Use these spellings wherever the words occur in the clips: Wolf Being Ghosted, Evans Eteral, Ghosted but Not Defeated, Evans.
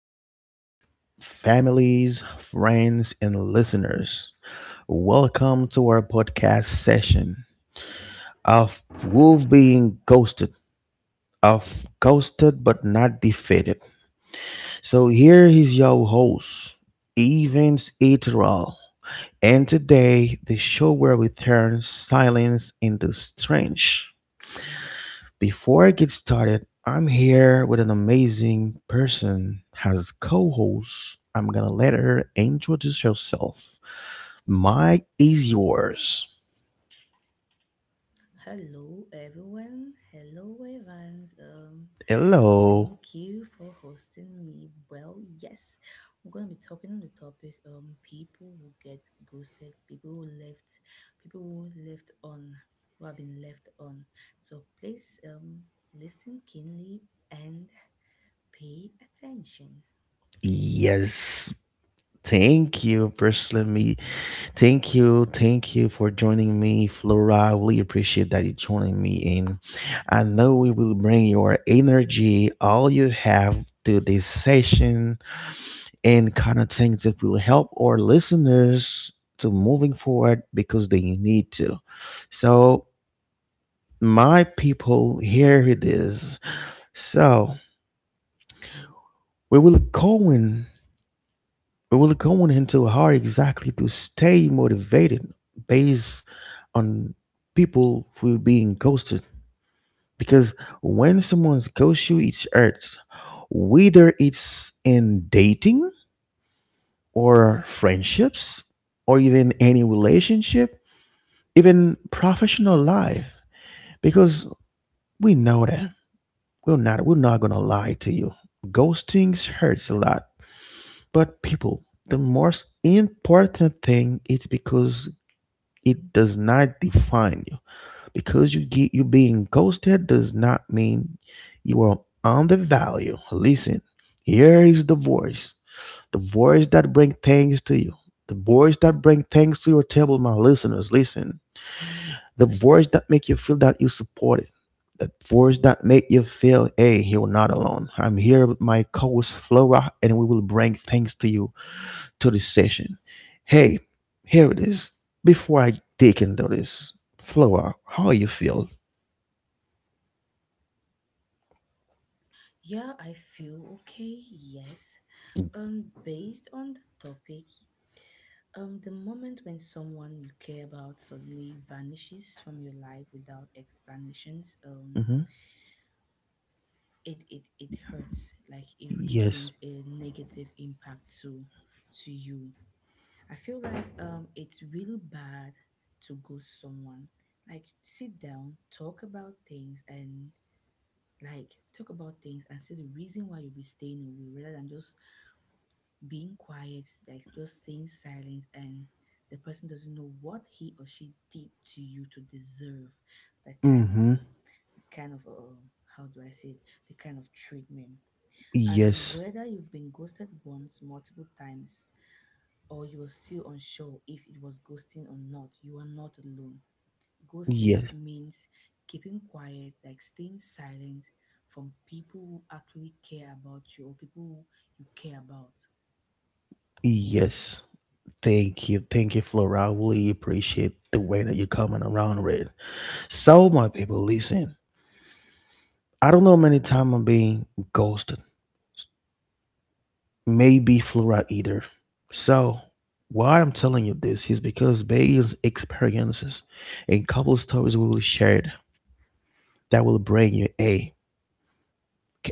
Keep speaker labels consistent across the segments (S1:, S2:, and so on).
S1: gentlemen, families, friends, and listeners, welcome to our podcast session of Wolf Being Ghosted, of Ghosted but Not Defeated. So, here is your host, Evans Eteral, and today the show where we turn silence into strength. Before I get started, I'm here with an amazing person as co-host. I'm gonna let her introduce herself. Mike is yours.
S2: Hello, everyone. Hello, Evans.
S1: Hello.
S2: Thank you for hosting me. Well, yes, we're going to be talking on the topic people who get ghosted, people who left on, who have been left on. So please listen keenly and pay attention.
S1: Yes. Thank you, personally. Me. Thank you. Thank you for joining me, Flora. I really appreciate that you joining me in. I know we will bring your energy, all you have to this session and kind of things that will help our listeners to moving forward because they need to. So my people, here it is. So we will go in we will go in into how exactly to stay motivated based on people who being ghosted. Because when someone's ghosts you, it hurts. Whether it's in dating or friendships or even any relationship, even professional life, because we know that we're not gonna lie to you. Ghosting hurts a lot, but people, the most important thing is because it does not define you. Because you get you being ghosted does not mean you are undervalued. Listen, here is the voice that bring things to you, the voice that bring things to your table, my listeners. Listen. The voice that make you feel that you supported. The voice that make you feel, hey, you're not alone. I'm here with my co-host Flora, and we will bring things to you to this session. Hey, here it is. Before I dig into this, Flora, how you feel?
S2: Yeah, I feel okay. Yes, based on the topic, the moment when someone you care about suddenly vanishes from your life without explanations,
S1: Hmm.
S2: it hurts. Like it really
S1: Yes.
S2: brings a negative impact to you. I feel like it's really bad to ghost someone. Like sit down, talk about things, and like talk about things and see the reason why you'll be staying away rather than just being quiet, like just staying silent, and the person doesn't know what he or she did to you to deserve that kind of,
S1: Mm-hmm.
S2: uh, that kind of, how do I say it, the kind of treatment. And
S1: Yes.
S2: whether you've been ghosted once, multiple times, or you are still unsure if it was ghosting or not, you are not alone. Ghosting
S1: Yes.
S2: means keeping quiet, like staying silent from people who actually care about you or people who you care about.
S1: Yes. Thank you. Thank you, Flora. I really appreciate the way that you're coming around with. So, my people, listen. I don't know how many times I'm being ghosted. May be fluoride either. So, why I'm telling you this is because based experiences and couple stories we will share that will bring you a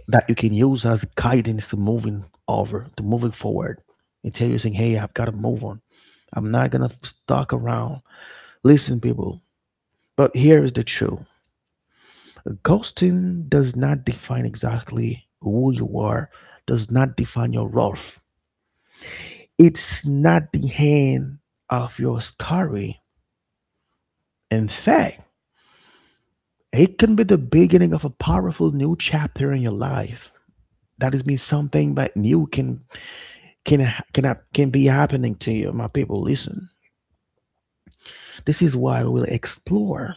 S1: that you can use as guidance to moving over to moving forward until you're saying, "Hey, I've got to move on. I'm not gonna stuck around." Listen, people. But here is the truth: ghosting does not define exactly who you are. Does not define your worth. It's not the end of your story. In fact, it can be the beginning of a powerful new chapter in your life. That is means something, but new can can can be happening to you, my people. Listen, this is why we will explore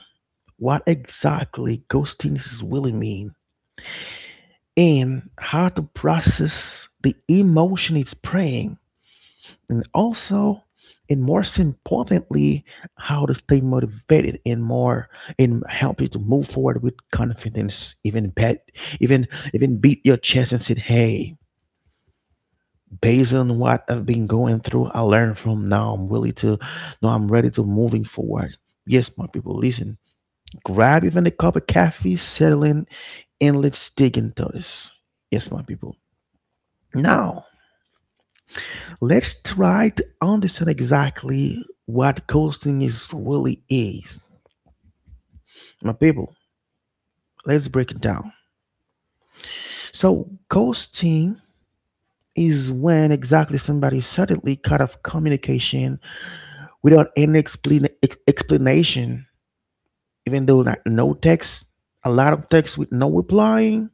S1: what exactly ghosting is really mean and how to process the emotion it's preying, and also, and most importantly, how to stay motivated and more, and help you to move forward with confidence, even bet even even beat your chest and said, "Hey, based on what I've been going through, I learned. From now, I'm willing to, now I'm ready to moving forward." Yes, my people, listen. Grab even a cup of coffee, settle in, and let's dig into this. Yes, my people. Now let's try to understand exactly what coasting is really is. My people, let's break it down. So, coasting is when exactly somebody suddenly cut off communication without any explanation, even though like no text, a lot of text with no replying,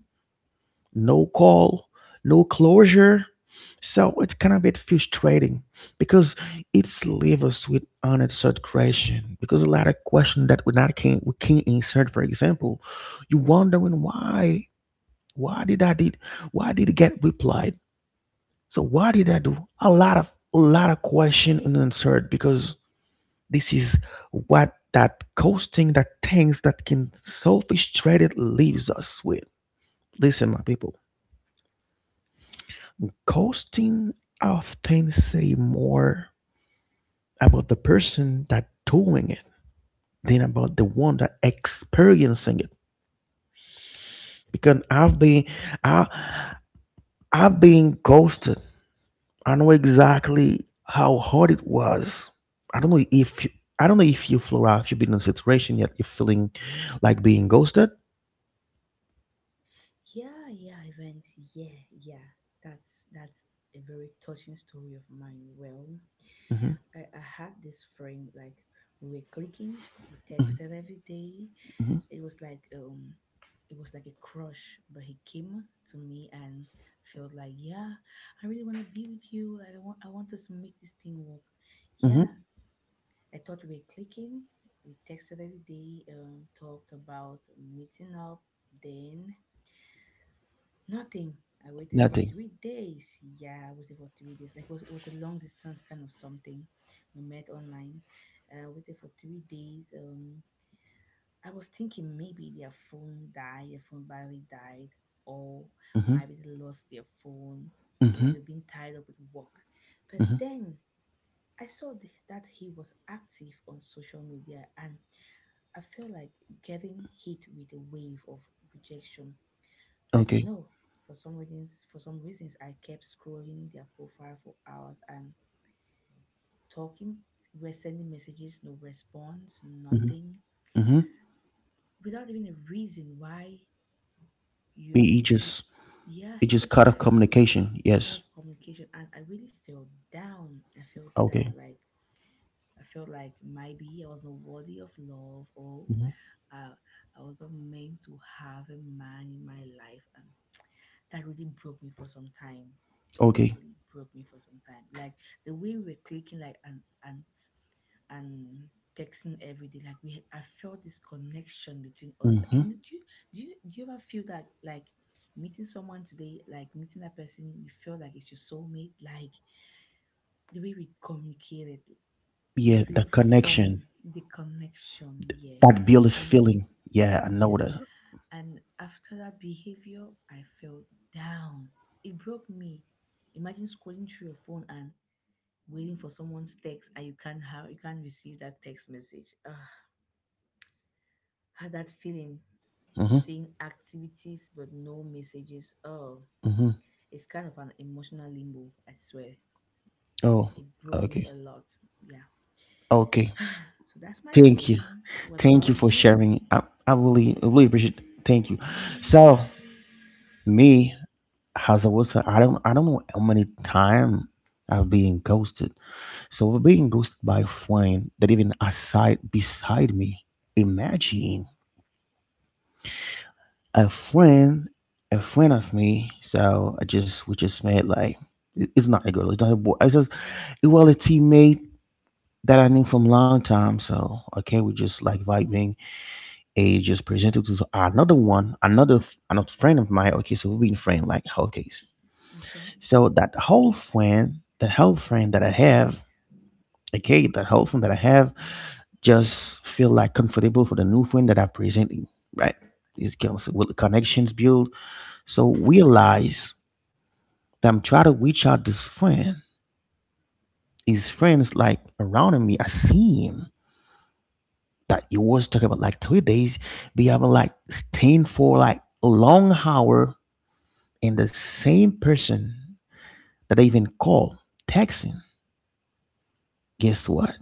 S1: no call, no closure. So it's kind of a bit frustrating because it's leaves us with unanswered question. Because a lot of question that we not can we can insert. For example, you wondering why did I did, why did it get replied? So why did I do, a lot of question unanswered, because this is what that ghosting, that things that can so frustrated, leaves us with. Listen, my people. Ghosting often say more about the person that doing it than about the one that experiencing it. Because I, I've been ghosted. I know exactly how hard it was. I don't know if you, I don't know if you, Flora, if you've been in a situation yet, you're feeling like being ghosted.
S2: Yeah, yeah, events. Yeah, yeah. That's a very touching story of mine. Well,
S1: Mm-hmm.
S2: I had this friend, like we were clicking, we
S1: Mm-hmm.
S2: texted every day.
S1: Mm-hmm.
S2: It was like um it was like a crush, but he came to me and felt like, yeah, I really wanna be with you. Like I want us to make this thing work. Yeah.
S1: Mm-hmm.
S2: I thought we were clicking. We texted every day, talked about meeting up, then nothing. I waited for
S1: Nothing.
S2: 3 days. Yeah, I waited for 3 days. Like it was a long distance kind of something. We met online. Waited for 3 days. I was thinking maybe their phone battery died, or
S1: Mm-hmm.
S2: maybe they lost their phone, or
S1: Mm-hmm.
S2: they've been tied up with work. But
S1: Mm-hmm.
S2: then I saw that he was active on social media, and I felt like getting hit with a wave of rejection, but
S1: Okay.
S2: no, for some reasons, I kept scrolling their profile for hours and talking. We're sending messages, no response,
S1: Mm-hmm.
S2: nothing,
S1: Mm-hmm.
S2: without even a reason why you.
S1: it
S2: you-
S1: just,
S2: Yeah,
S1: it
S2: he
S1: just
S2: just
S1: cut off communication.
S2: cut
S1: Yes.
S2: off communication, and I really felt down. I felt down,
S1: Okay.
S2: like I felt like maybe I was not worthy of love, or
S1: Mhm.
S2: uh, I was not meant to have a man in my life, and that really broke me for some time.
S1: Okay.
S2: Really broke me for some time. Like the way we were clicking, like and texting every day, like we I felt this connection between us. Like,
S1: Hmm.
S2: you know, do you ever feel that, like meeting someone today, like meeting that person, you feel like it's your soulmate? Like the way we communicated, it
S1: Yeah,
S2: was
S1: the
S2: really fun.
S1: connection,
S2: The connection, yeah.
S1: that build a
S2: And
S1: feeling. Yeah, I know
S2: yes,
S1: that.
S2: and after that behavior, I felt down. It broke me. Imagine scrolling through your phone and waiting for someone's text and you can't receive that text message. Ugh, had that feeling,
S1: Hmm.
S2: seeing activities but no messages. Oh,
S1: Hmm.
S2: it's kind of an emotional limbo, I swear.
S1: Oh,
S2: It broke me
S1: okay.
S2: a lot. Yeah.
S1: Okay.
S2: So that's my
S1: Thank you.
S2: story. What
S1: Thank
S2: about
S1: you for
S2: you?
S1: sharing. I really appreciate. Thank you. So me, as I was, I don't know how many time I've been ghosted. So being ghosted by a friend that even aside beside me. Imagine. A friend, of me. So I just we just made like, it's not a girl, it's not a boy. It's just it was a teammate that I knew from a long time. So okay, we just like vibing. A just presented to another one, another friend of mine. Okay, so we've been friends like, okay.
S2: Okay.
S1: So that whole friend, the whole friend that I have, okay, that whole friend that I have, just feel like comfortable for the new friend that I'm presenting, right? These girls with connections build. So realize that I'm trying to reach out this friend. His friends like around me. I see him that you was talking about like 3 days, be having like staying for like a long hour, and the same person that I even call texting. Guess what?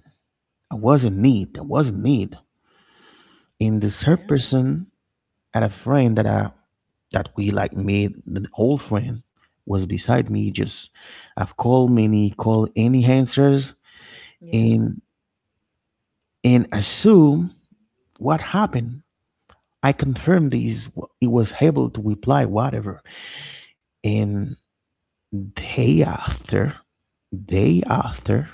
S1: I was in need. I was in need. And this her
S2: Yeah.
S1: person and a friend that we like made, the old friend was beside me. Just I've called many, called any answers,
S2: Yeah.
S1: and and assume what happened? I confirmed this. He was able to reply whatever. And day after, day after,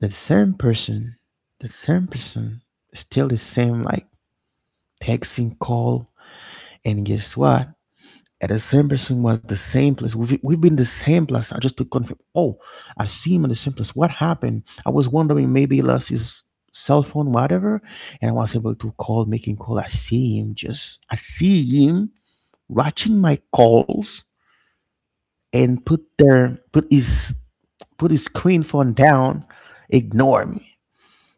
S1: the same person, the same person, still the same like texting call. And guess what? And the same person was the same place. We've been the same place. I just to confirm. Oh, I see him in the same place. What happened? I was wondering maybe he lost his cell phone, whatever. And I was able to call, making call. I see him just. I see him watching my calls and put his screen phone down, ignore me.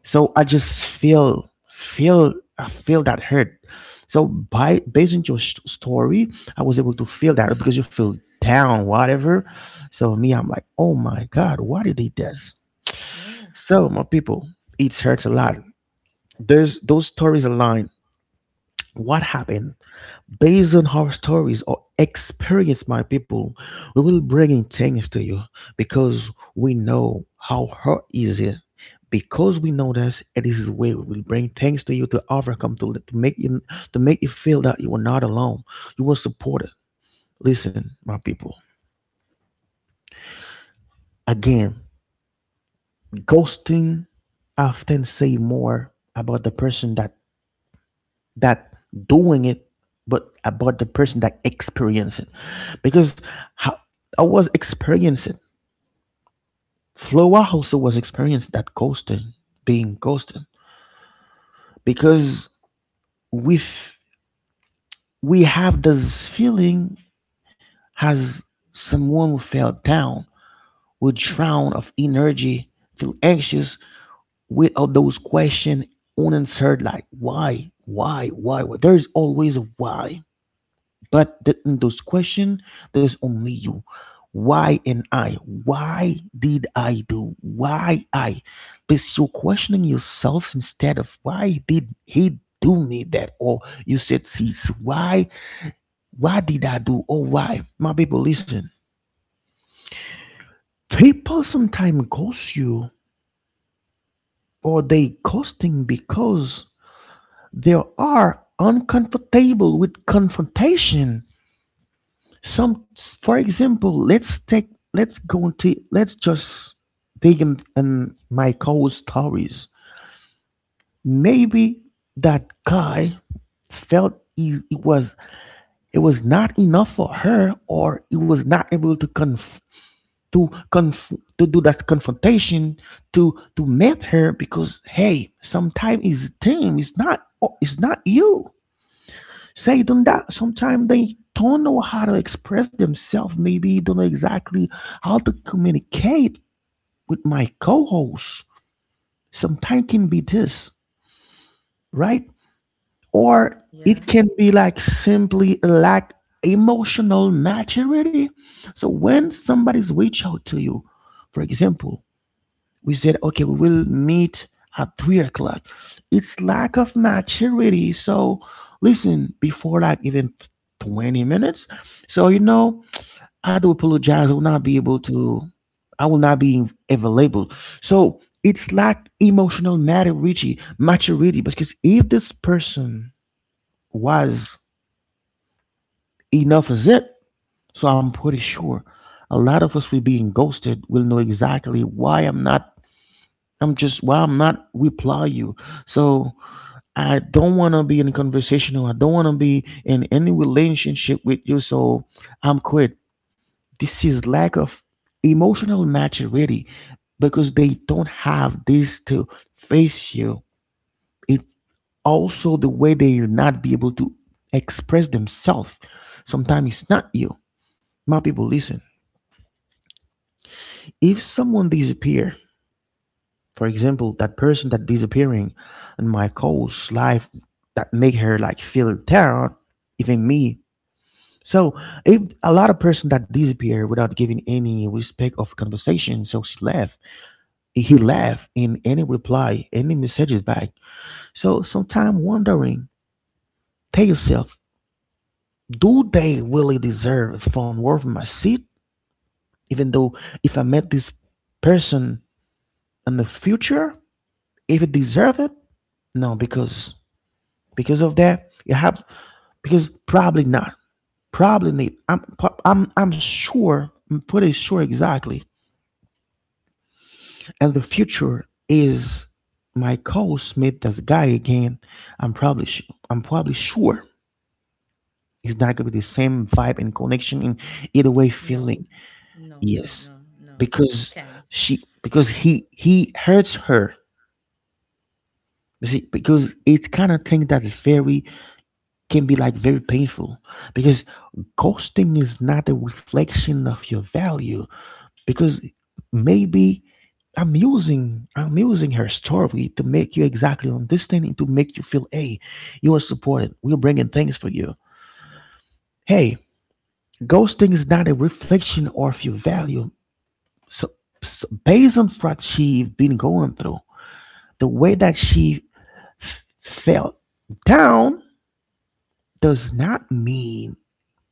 S1: So I feel that hurt. So by based on your story, I was able to feel that because you feel down, whatever. So me, I'm like, oh my god, why did they this?
S2: Yeah.
S1: So my people, it hurts a lot. There's those stories align. What happened? Based on horror stories or experience, my people, we will bring in things to you because we know how hard is it. Because we know that it is the way we will bring things to you to overcome, to make you feel that you are not alone. You were supported. Listen, my people. Again, ghosting often say more about the person that doing it, but about the person that experience it. Because how, I was experiencing it. Flower also was experiencing that ghosting, being ghosted. Because we f- we have this feeling as someone who fell down, who drown of energy, feel anxious with all those questions unanswered, like why, why? Why? There's always a why. But in those questions, there's only you. Why and I? Why did I do? Why I? Because you're questioning yourself instead of why did he do me that? Or you said, "See, why? Why did I do? Or why?" My people, listen. People sometimes ghost you, or they ghosting because they are uncomfortable with confrontation. Some, for example, let's take let's go into let's just dig in my cold stories. Maybe that guy felt, he, it was not enough for her, or he was not able to conf to conf to do that confrontation, to meet her, because hey, sometimes it's team, it's not you. Say don't that sometimes they don't know how to express themselves, maybe don't know exactly how to communicate with my co-host. Sometimes can be this, right? Or
S2: Yeah.
S1: it can be like simply a lack emotional maturity. So
S2: Yeah.
S1: when somebody's reach out to you, for example, we said okay, we will meet at 3 o'clock. It's lack of maturity. So listen, before like even 20 minutes, so, you know, I do apologize, I will not be able to, I will not be available. So it's lack emotional maturity because if this person was enough as it. So I'm pretty sure a lot of us will being ghosted will know exactly why I'm not. I'm just why I'm not reply you. So I don't want to be in conversation, or I don't want to be in any relationship with you. So I'm quit. This is lack of emotional maturity because they don't have this to face you. It also the way they will not be able to express themselves. Sometimes it's not you. My people, listen. If someone disappear, for example, that person that disappearing in my course life that make her like feel terror, even me. So if a lot of person that disappear without giving any respect of conversation, so she left, he left in any reply, any messages back. So sometime wondering, tell yourself, do they really deserve a phone worth my seat? Even though if I met this person in the future, if it deserve it, no, because of that you have, because probably not, probably not I'm pretty sure exactly. And the future is my co-smith this guy again. i'm probably su I'm probably sure it's not gonna be the same vibe and connection and either way
S2: No.
S1: feeling.
S2: No, no,
S1: Yes,
S2: no, no. You
S1: because
S2: can't.
S1: she, because he hurts her. You see, because it's kind of thing that's very, can be like very painful, because ghosting is not a reflection of your value. Because maybe I'm using her story to make you exactly understand and to make you feel, hey, you are supported, we're bringing things for you. Hey, ghosting is not a reflection of your value. So, so based on what she's been going through, the way that she felt down does not mean,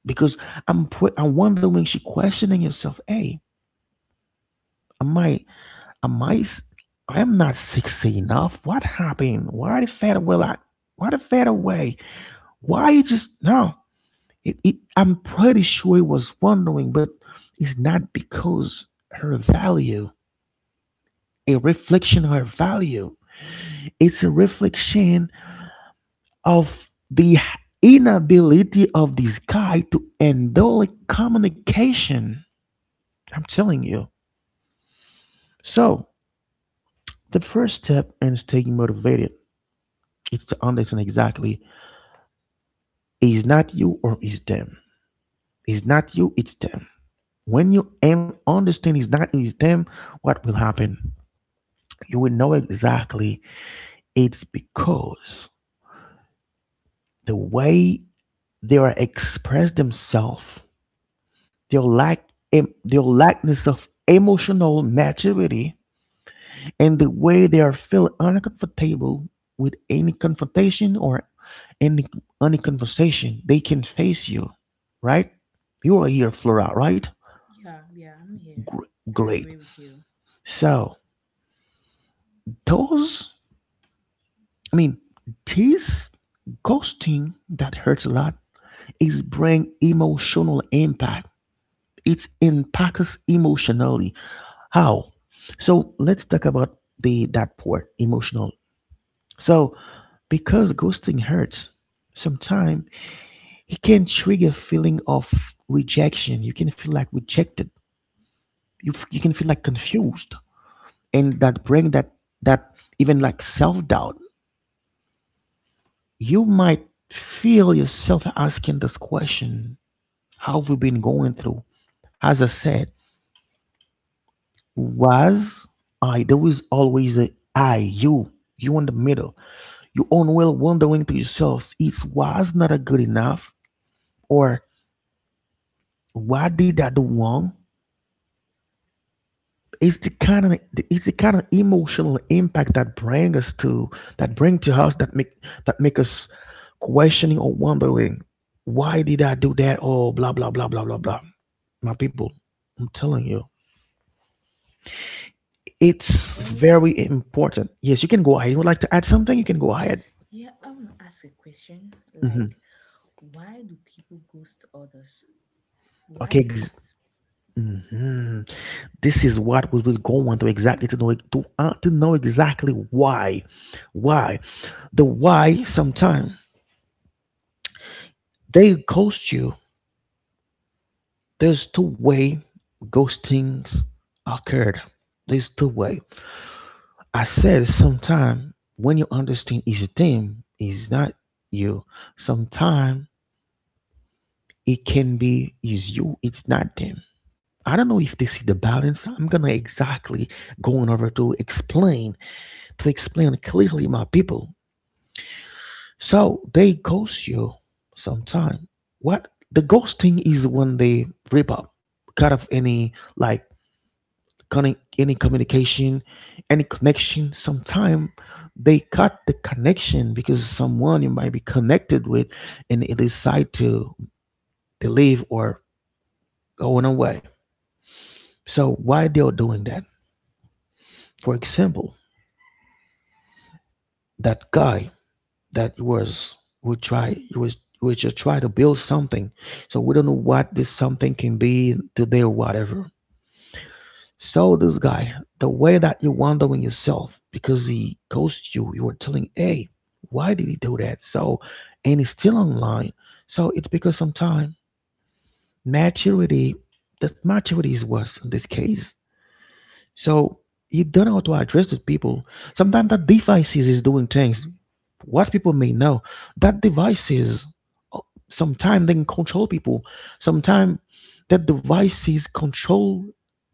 S1: because I'm wondering. She questioning herself. Hey, am I, am I s- I'm not sexy enough. What happened? Why the fat away? Like, why the fat away? Why you just no? I'm pretty sure it was wondering, but it's not because her value, a reflection of her value. It's a reflection of the inability of this guy to endure communication. I'm telling you. So the first step in staying motivated is to understand exactly it's not you or it's them. It's not you, it's them. When you understand it's not you, it's them, what will happen? You will know exactly it's because the way they are express themselves, their their lackness of emotional maturity and the way they are feeling uncomfortable with any confrontation or any any conversation, they can face you, right? You are here, Flora, right?
S2: Yeah, yeah, I'm here.
S1: Gr-
S2: I
S1: great.
S2: agree with you.
S1: So those, I mean, this ghosting that hurts a lot is bring emotional impact. It impacts us emotionally. How? So let's talk about the that part emotional. So because ghosting hurts, sometimes it can trigger feeling of rejection. You can feel like rejected, you can feel like confused, and that bring that even like self-doubt. You might feel yourself asking this question, how have we been going through? As I said, was I, there was always a I you, you in the middle, you unwell wondering to yourselves, it was not a good enough, or what did I do wrong? It's the kind of it's the kind of emotional impact that bring us to, that bring to us, that make, that make us questioning or wondering, why did I do that or blah blah blah blah blah blah. My people, I'm telling you, it's
S2: Well,
S1: very important. Yes, you can go ahead. You would like to add something? You can go ahead.
S2: yeah, I want to ask a question. Like,
S1: Hmm.
S2: why do people ghost others? Why
S1: Okay.
S2: ghosts?
S1: Hmm. This is what we will go on to exactly to know, to know exactly why the why sometimes they ghost you. There's two-way ghostings occurred. There's two way. I said sometime when you understand is them is not you. Sometime it can be is you. It's not them. I don't know if they see the balance. I'm gonna exactly going over to explain, to explain clearly, my people. So they ghost you sometime. What the ghosting is when they rip up, cut off any like connect, any communication, any connection. Sometime they cut the connection because someone you might be connected with, and they decide to, they leave or going away. So why they are doing that? For example, that guy that was would try he was would just try to build something. So we don't know what this something can be today or whatever. So this guy, the way that you're wondering yourself because he ghosted you, you were telling, hey, why did he do that? So, and he's still online. So it's because sometimes maturity, that maturity is worse in this case. So you don't know how to address these people. Sometimes that devices is doing things. What people may know, that devices sometimes they can control people. Sometimes that devices control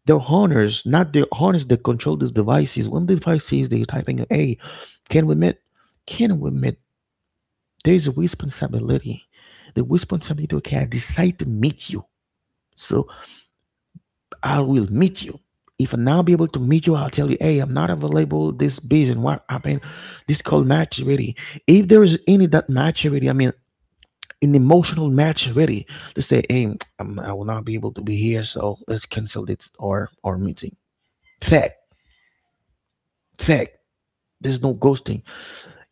S1: their honors, not their honors that control these devices. When the devices they typing, hey, can we meet? Can we meet? There is a responsibility. The responsibility, okay, I decide to meet you. So I will meet you. If I now be able to meet you, I'll tell you, hey, I'm not available. This busy and what happened. This called match ready. If there is any that match ready, I mean, an emotional match ready to say, hey, I will not be able to be here, so let's cancel this or our meeting. Fact, fact. There's no ghosting.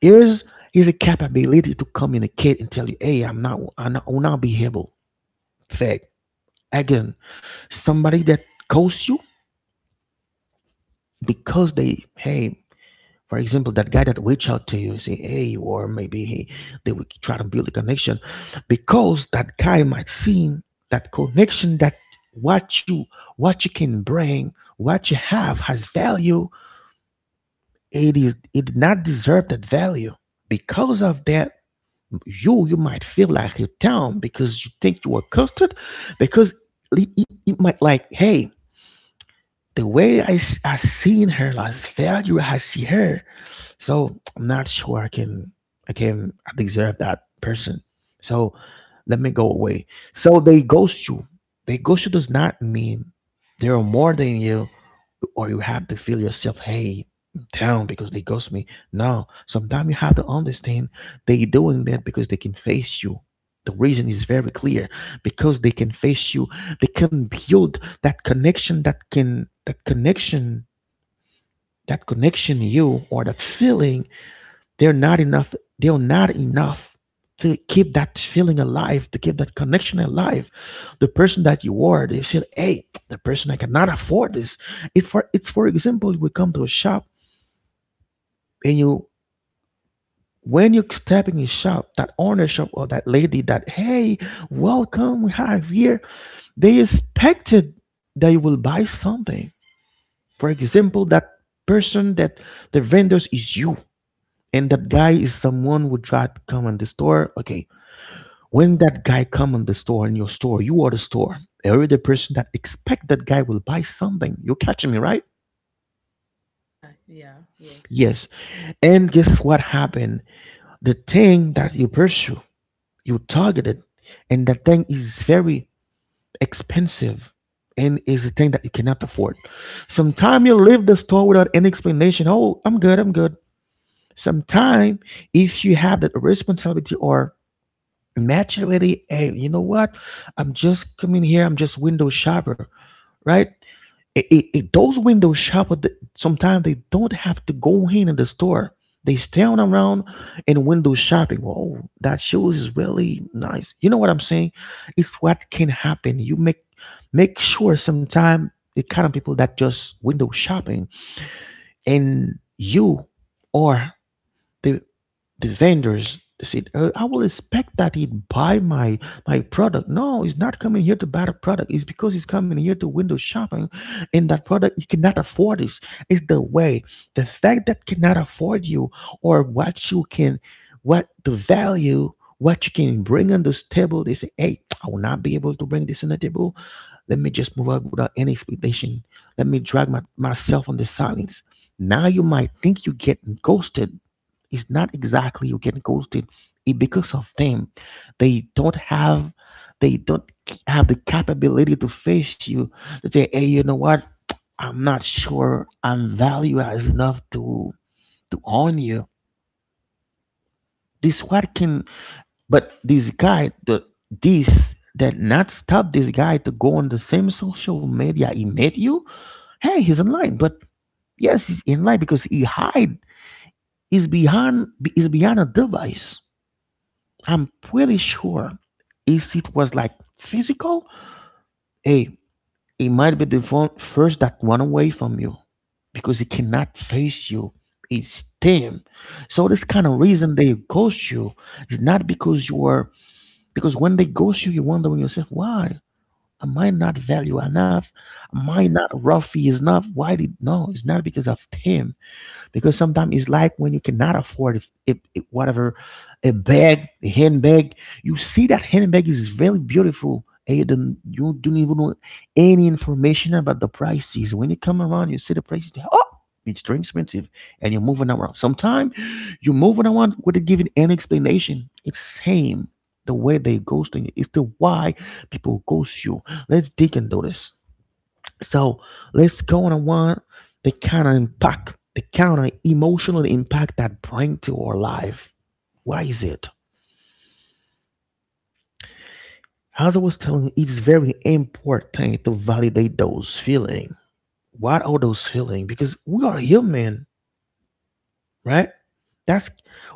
S1: Here's is a capability to communicate and tell you, hey, I will not be able. Fact. Again, somebody that ghosts you because they, hey, for example, that guy that reached out to you, say, hey, or maybe he, they will try to build a connection because that guy might see that connection that what you what you can bring, what you have has value. It is it did not deserve that value. Because of that, you might feel like you're down because you think you were costed, because it might like, hey, the way I seen her, last value I see her, so I'm not sure I can, I deserve that person. So let me go away. So they ghost you. They ghost you does not mean they are more than you or you have to feel yourself, hey, down because they ghost me. No. Sometimes you have to understand they doing that because they can face you. The reason is very clear, because they can face you. They can build that connection that can that connection you or that feeling they're not enough. They're not enough to keep that feeling alive, to keep that connection alive. The person that you are, they feel, hey, the person I cannot afford this. If for example, you would come to a shop and you, when you step in your shop, that owner shop or that lady that, hey, welcome, we have here, they expected that you will buy something. For example, that person that the vendors is you and that guy is someone who tried to come in the store. Okay, when that guy come in the store, in your store, you are the store. You're the person that expect that guy will buy something. You catching me, right?
S2: Yeah, yeah, yes.
S1: Yes. And guess what happened? The thing that you pursue, you targeted, and that thing is very expensive and is a thing that you cannot afford. Sometimes you leave the store without any explanation. Oh, I'm good, I'm good. Sometimes if you have that responsibility or maturity, hey, you know what? I'm just coming here, I'm just window shopper, right? Those window shoppers, sometimes they don't have to go in the store. They stand around and window shopping. Oh, that shoes is really nice. You know what I'm saying? It's what can happen. You make sure. Sometimes the kind of people that just window shopping, and you are the the vendors said, "I will expect that he'd buy my product. No, he's not coming here to buy the product. It's because he's coming here to window shopping, and that product he cannot afford." This, it's the way. The fact that cannot afford you, or what you can, what the value, what you can bring on this table. They say, hey, I will not be able to bring this on the table. Let me just move out without any expectation. Let me drag myself on the silence. Now you might think you get ghosted, it's not exactly you get ghosted. It because of them, they don't have, they don't have the capability to face you. To say, hey, you know what? I'm not sure I'm value as enough to own you. This what can, but this guy, the this that not stop this guy to go on the same social media he met you. Hey, he's online, but yes, he's in line because he hide is behind a device. I'm pretty sure if it was like physical, hey, it might be the one first that run away from you because it cannot face you. It's them. So this kind of
S2: Yeah,
S1: reason they ghost you is not because you are, because when they ghost you, you're wondering yourself, why? Am I not value enough? Am
S2: yeah,
S1: I not roughy enough? Why did no? It's not because of him because sometimes it's like when you cannot afford if whatever a bag, a handbag. You see that handbag is very beautiful, and you don't even know any information about the prices. When you come around, you see the prices. Oh, it's too expensive, and you're moving around. Sometimes you're moving around without giving any explanation. It's same the way they ghosting you. It's the why people ghost you. Let's dig into this. So let's go on one the kind of impact, the kind of emotional impact that bring to our life. Why is it? As I was telling you, it's very important to validate those feelings. What are those feelings? Because we are human, right? That's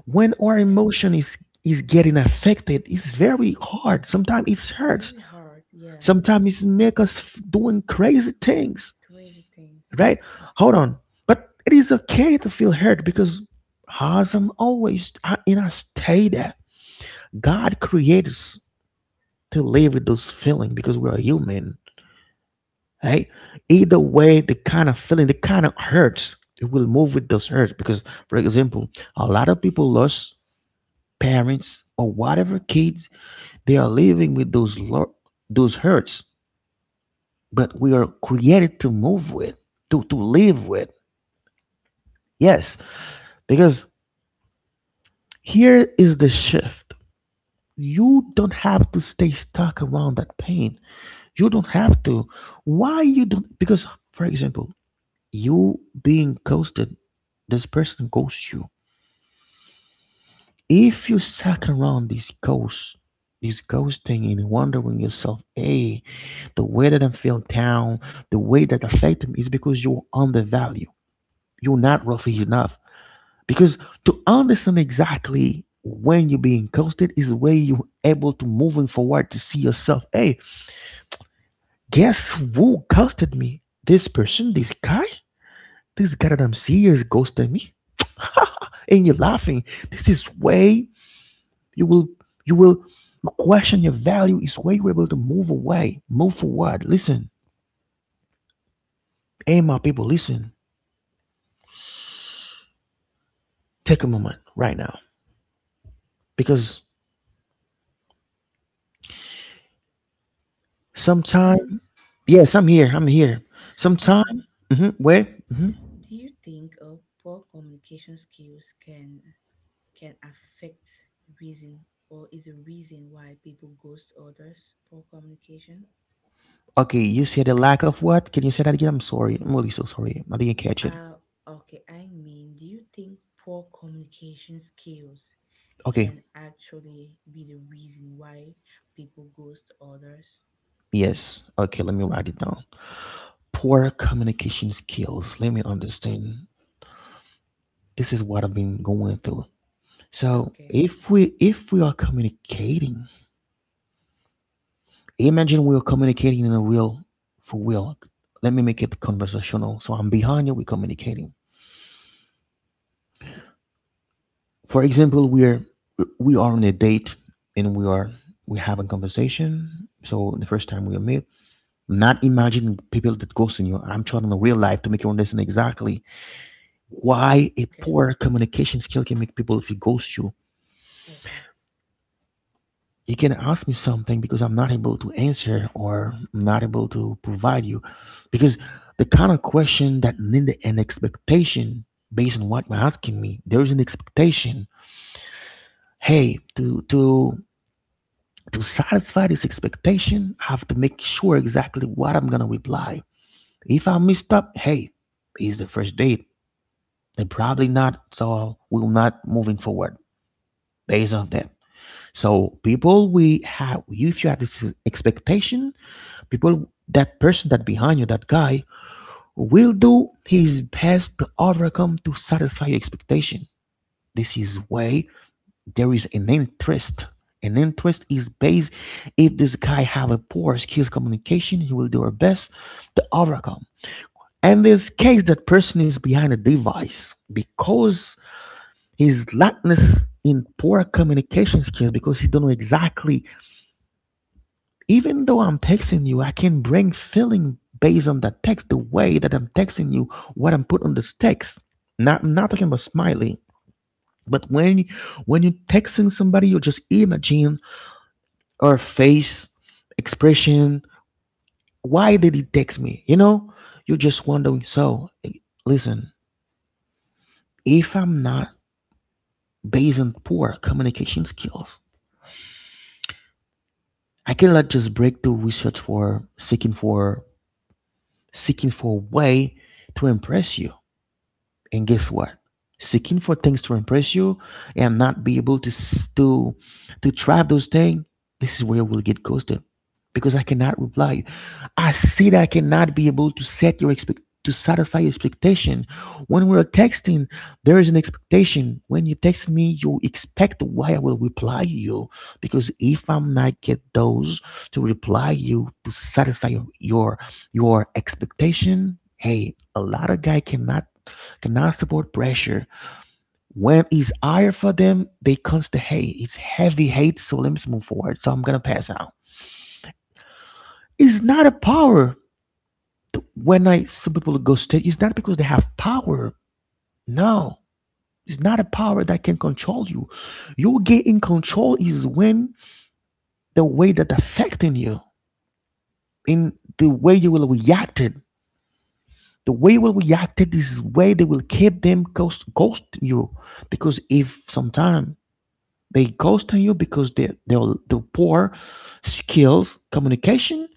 S1: when our
S2: yeah.
S1: emotion is getting affected. It's very hard. Sometimes it
S2: Very
S1: hurts.
S2: hard. Yeah,
S1: Sometimes it make us doing crazy things.
S2: crazy things.
S1: Right? Hold on. But it is okay to feel hurt because hasn't always in a state that God creates to live with those feelings because we are human, right? Either way, the kind of feeling, the kind of hurts, it will move with those hurts because, for example, a lot of people lost parents or whatever kids, they are living with those hurts, but we are created to move with, to live with. Yes, because here is the shift. You don't have to stay stuck around that pain. You don't have to. Why you don't? Because, for example, you being ghosted, this person ghosts you. If you suck around this ghost, this ghosting and wondering yourself, hey, the way that I'm feeling down, the way that affect me, is because you're undervalued. You're not worth enough. Because to understand exactly when you're being ghosted is where you're able to moving forward to see yourself. Hey, guess who ghosted me? This person, this guy that I'm seeing is ghosting me. And you're laughing. This is way you will you will question your value is where you're able to move away, move forward. Listen. Hey my people, listen. Take a moment right now. Because sometimes
S2: Events.
S1: yes, I'm here. I'm here. Sometime
S2: Um,
S1: where mhm.
S2: do you think poor communication skills can affect the reason or is a reason why people ghost others? Poor communication.
S1: Okay, you said a lack of what? Can you say that again? I'm sorry. I'm really so sorry. I didn't catch it.
S2: Uh, okay. I mean, do you think poor communication skills
S1: Okay,
S2: can actually be the reason why people ghost others.
S1: yes. Okay, let me write it down. Poor communication skills. Let me understand. This is what I've been going through. So
S2: Okay.
S1: if we are communicating, imagine we are communicating in a real for real. Let me make it conversational. So I'm behind you. We're communicating. For example, we are on a date and we have a conversation. So the first time we meet, not imagining people that ghost on you. I'm trying in real life to make you understand exactly why a
S2: Okay.
S1: poor communication skill can make people if you ghost you.
S2: Okay.
S1: You can ask me something because I'm not able to answer or I'm not able to provide you. Because the kind of question that need an expectation based on what you're asking me, there is an expectation. Hey, to satisfy this expectation, I have to make sure exactly what I'm gonna reply. If I messed up, hey, it's the first date they probably not so we're not moving forward based on that so people we have if you have this expectation people that person that behind you that guy will do his best to overcome to satisfy your expectation. This is why there is an interest. An interest is based if this guy have a poor skills communication he will do her best to overcome in this case that person is behind a device because his lackness in poor communication skills because he don't know exactly even though I'm texting you I can bring feeling based on that text the way that I'm texting you what I'm putting on this text not I'm not talking about smiley but when you're texting somebody you just imagine her face expression why did he text me, you know, you're just wondering. So listen, if I'm not based on poor communication skills I cannot just break through research for seeking for seeking for a way to impress you. And guess what? Seeking for things to impress you and not be able to to try those things. This is where we'll get ghosted because I cannot reply. I see that I cannot be able to set your expect to satisfy your expectation. When we're texting, there is an expectation. When you text me, you expect why I will reply you. Because if I'm not get those to reply you to satisfy your expectation, hey, a lot of guy cannot support pressure. When it's higher for them, they comes to hate. It's heavy hate, so let me move forward. So I'm gonna pass out. It's not a power. When I some people go state, it's not because they have power. No, it's not a power that can control you. You get in control is when the way that affecting you, in the way you will react it. The way you will react it is way they will keep them ghost you. Because if sometime they ghost on you because they'll do poor skills, communication,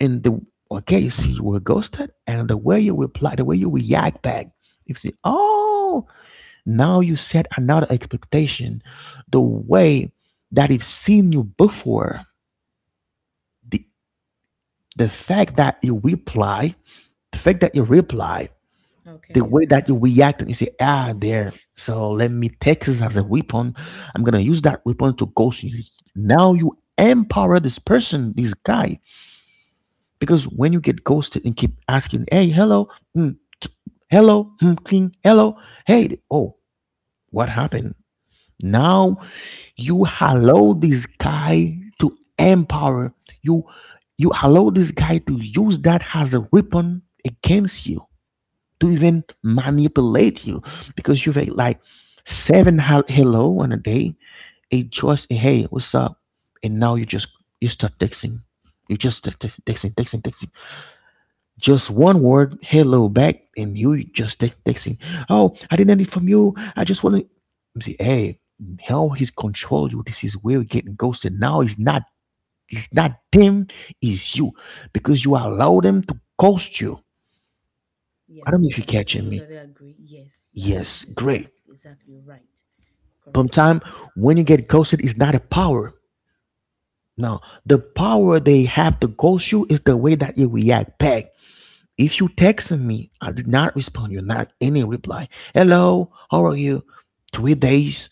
S1: and the okay, you see you were ghosted, and the way you reply, the way you react back, you see, oh, now you set another expectation, the way that it's seen you before, the the fact that you reply, the fact that you reply the
S2: Okay.
S1: way that you react and you say, ah, there. So let me take this as a weapon. I'm gonna use that weapon to ghost you. Now you empower this person, this guy, because when you get ghosted and keep asking, hey, hello, mm, t- hello, mm, cling, hello, hey, oh, what happened? Now you allow this guy to empower you. You allow this guy to use that as a weapon against you to even manipulate you because you've ate like 7 hello on a day, a just a hey, what's up? And now you start texting. You just texting, texting. Just one word, hello back, and you just texting. Oh, I didn't need from you. I just want to see. Hey, how he's control you. This is where we're getting ghosted. Now it's not them, it's you because you allow them to ghost you. I
S2: Yeah.
S1: don't know if you're
S2: Yeah. I
S1: catching me.
S2: totally agree. Yes. Yeah.
S1: Yes,
S2: You're
S1: great.
S2: exactly. Exactly right. Correct.
S1: Sometimes when you get ghosted, it's not a power. No, the power they have to ghost you is the way that you react back. If you texting me, I did not respond. You're not any reply. Hello, how are you? 3 days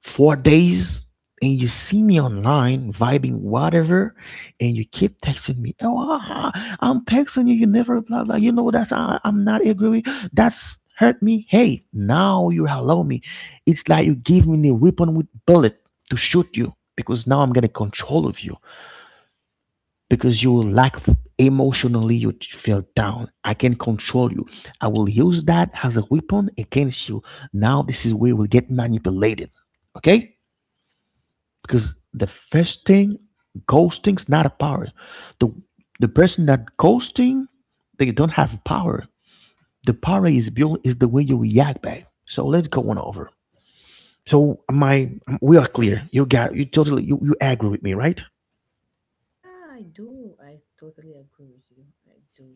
S1: 4 days and you see me online vibing whatever and you keep texting me oh ah, ah, I'm texting you you never blah blah you know I'm not agree that's hurt me hey now you allow me it's like you give me the weapon with bullet to shoot you because now I'm getting control of you because you lack emotionally you feel down I can control you I will use that as a weapon against you now this is where we get manipulated. Okay, because the first thing ghosting's not a power. The the person that ghosting they don't have power. The power is built is the way you react back. So let's go on over. So my we are clear you got you totally you agree with me right?
S2: Yeah, I do. I totally agree with you. I do.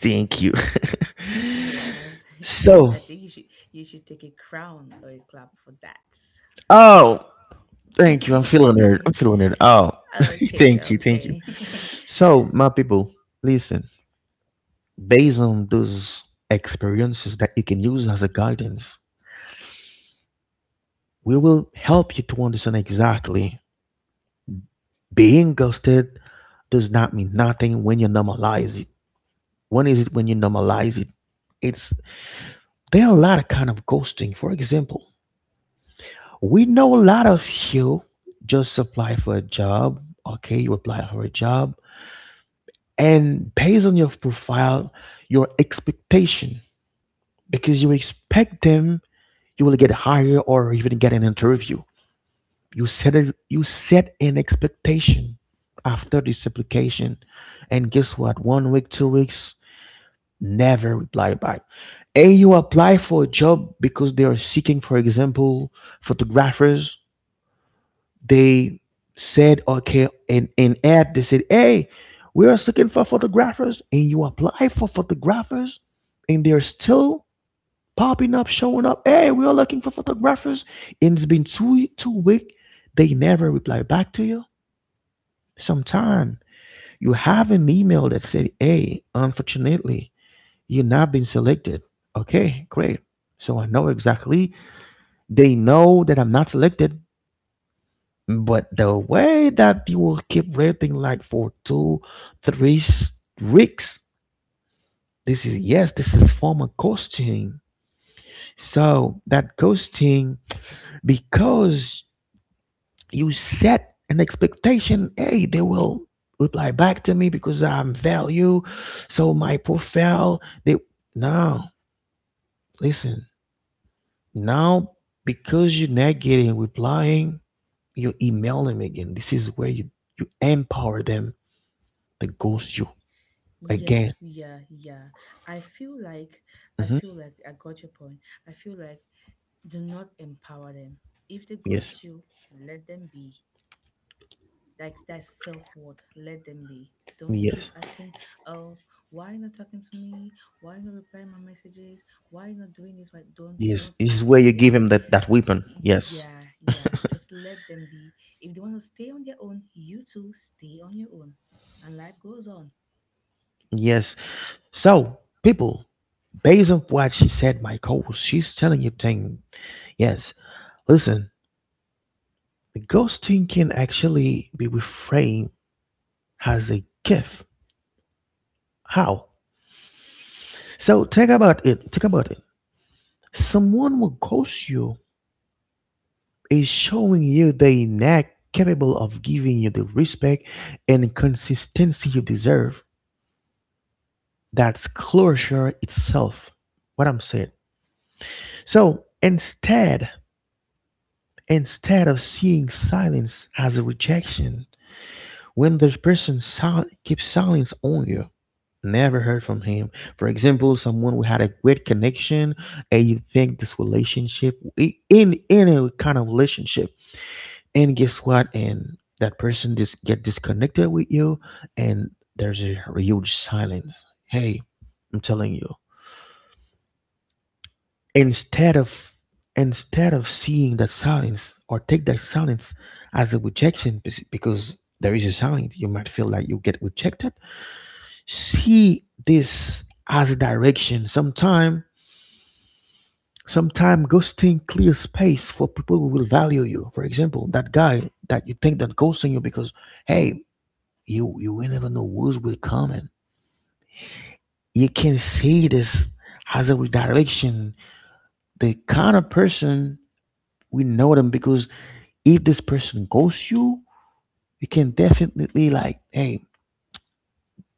S1: Thank you.
S2: Yeah,
S1: So
S2: I think you should take a crown or a clap for that.
S1: oh thank you I'm feeling it I'm feeling it oh
S2: Okay,
S1: thank you thank you.
S2: okay.
S1: So my people, listen, based on those experiences that you can use as a guidance we will help you to understand exactly. Being ghosted does not mean nothing when you normalize it. When is it when you normalize it? It's there are a lot of kind of ghosting. For example, we know a lot of you just apply for a job. Okay, you apply for a job, and based on your profile, your expectation, because you expect them, you will get hired or even get an interview. You set an expectation after this application, and guess what? 1 week, 2 weeks, never reply back. And you apply for a job because they are seeking, for example, photographers. They said, okay, and an ad, they said, hey, we are seeking for photographers. And you apply for photographers, and they're still popping up, showing up. Hey, we are looking for photographers. And it's been 2 weeks. They never reply back to you. Sometime you have an email that said, "Hey, unfortunately, you not been selected." Okay, great. So I know exactly. They know that I'm not selected, but the way that you will keep rating like for two, three weeks. This is yes, this is form of ghosting. So that ghosting because you set an expectation, hey, they will reply back to me because I'm value, so my profile they now listen now. Because you're not getting replying, you email them again. This is where you empower them to ghost you
S2: Yeah,
S1: again.
S2: yeah, yeah. I feel like I
S1: hmm
S2: feel like I got your point. I feel like do not empower them. If they
S1: yes,
S2: ghost you, let them be. Like that self worth, let them be. Don't keep
S1: yes,
S2: asking, oh, why you not talking to me? Why you not replying my messages? Why you not doing this? Why Don't, do
S1: yes,
S2: not
S1: this is where
S2: ask
S1: you give
S2: them.
S1: him that weapon.
S2: Y-
S1: Yes,
S2: yeah, yeah. Just let them be. If they want to stay on their own, you too stay on your own and life goes on.
S1: yes. So people, based on what she said, my co, she's telling you thing. Yes, listen. Ghosting can actually be reframed as a gift. How? So think about it. Think about it. Someone who ghost you is showing you they not capable of giving you the respect and consistency you deserve. That's closure itself. What I'm saying. So instead, instead of seeing silence as a rejection, when the person keeps silence on you, never heard from him. For example, someone we had a great connection, and you think this relationship in a kind of relationship, and guess what? And that person just get disconnected with you, and there's a huge silence. Hey, I'm telling you, instead of instead of seeing that silence or take that silence as a rejection because there is a silence, you might feel like you get rejected. See this as a direction sometime. Sometimes ghosting clears space for people who will value you. For example, that guy that you think that ghosting you, because hey, you will never know who's will come in. You can see this as a redirection. The kind of person we know them, because if this person ghosts you, you can definitely like, hey,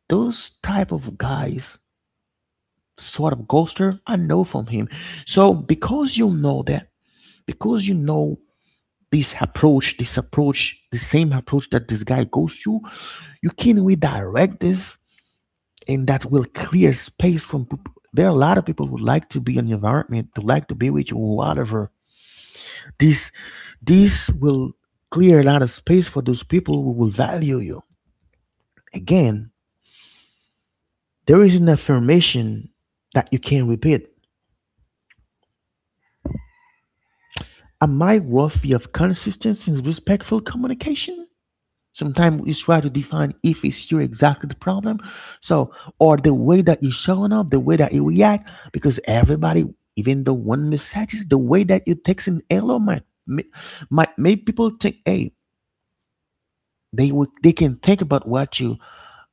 S1: those type of guys, sort of ghoster, I know from him. So because you know that, because you know this approach, the same approach that this guy goes to, you can redirect this, and that will clear space from people. There are a lot of people who like to be in your environment, who like to be with you, whatever. This this will clear a lot of space for those people who will value you. Again, there is an affirmation that you can repeat. Am I worthy of consistency and respectful communication? Sometimes you try to define if it's you exactly the problem, so, or the way that you're showing up, the way that you react, because everybody, even the one messages, the way that you text an hello might might make people think, hey, they can think about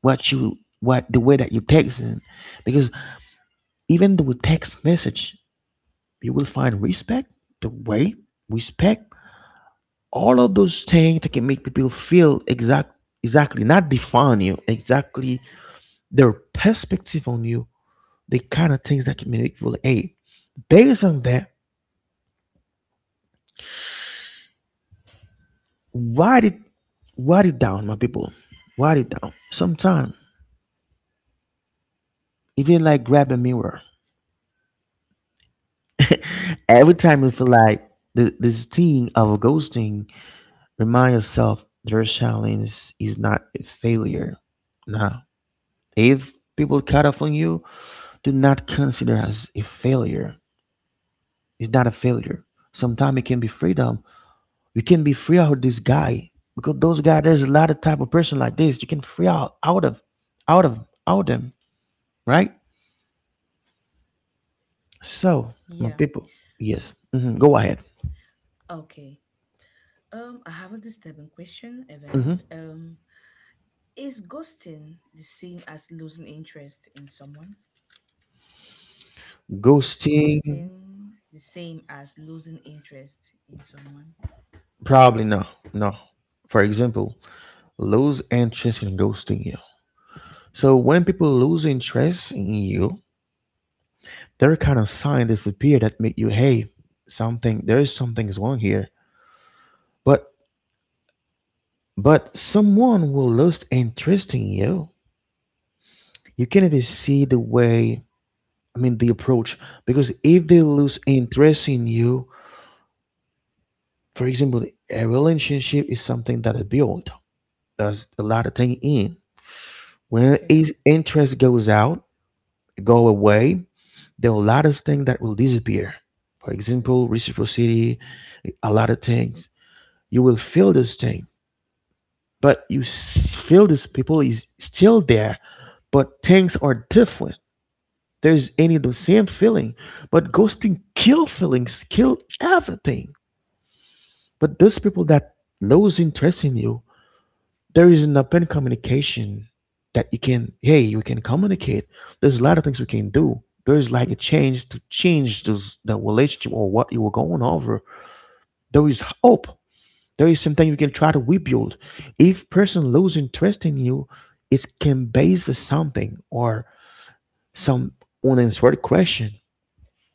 S1: what you what the way that you text in, because even the text message, you will find respect, the way respect, all of those things that can make people feel exactly not define you exactly their perspective on you, the kind of things that can make people like, hey, based on that, write it, write it down, my people, write it down. Sometime, even like grab a mirror. Every time you feel like this thing of a ghosting, remind yourself their challenge is not a failure. Now, if people cut off on you, do not consider as a failure. It's not a failure. Sometimes it can be freedom. You can be free out of this guy because those guys. There's a lot of type of person like this. You can free out of out them, right? So my
S2: Yeah.
S1: people, yes. Go ahead.
S2: Okay. I have a disturbing question,
S1: hmm
S2: Evans. Is ghosting the same as losing interest in someone? Is
S1: Ghosting,
S2: ghosting the same as losing interest in someone?
S1: probably no, no. For example, lose interest in ghosting you. So when people lose interest in you, there kind of sign disappear that make you, hey, something, there is something's wrong here. But but someone will lose interest in you, you can even see the way, I mean the approach, because if they lose interest in you, for example a relationship is something that is built, there's a lot of thing in, when
S2: Okay,
S1: interest goes out, go away, there are a lot of things that will disappear, for example reciprocity, a lot of things. You will feel this thing, but you feel this people is still there, but things are different. There's any the same feeling, but ghosting kill feelings, kill everything. But those people that lose interest in you, there is an open communication that you can, hey, we can communicate. There's a lot of things we can do. There's like a change to change those the relationship or what you were going over. There is hope. There is something you can try to rebuild. If person lose interest in you, it can base for something or some unanswered question.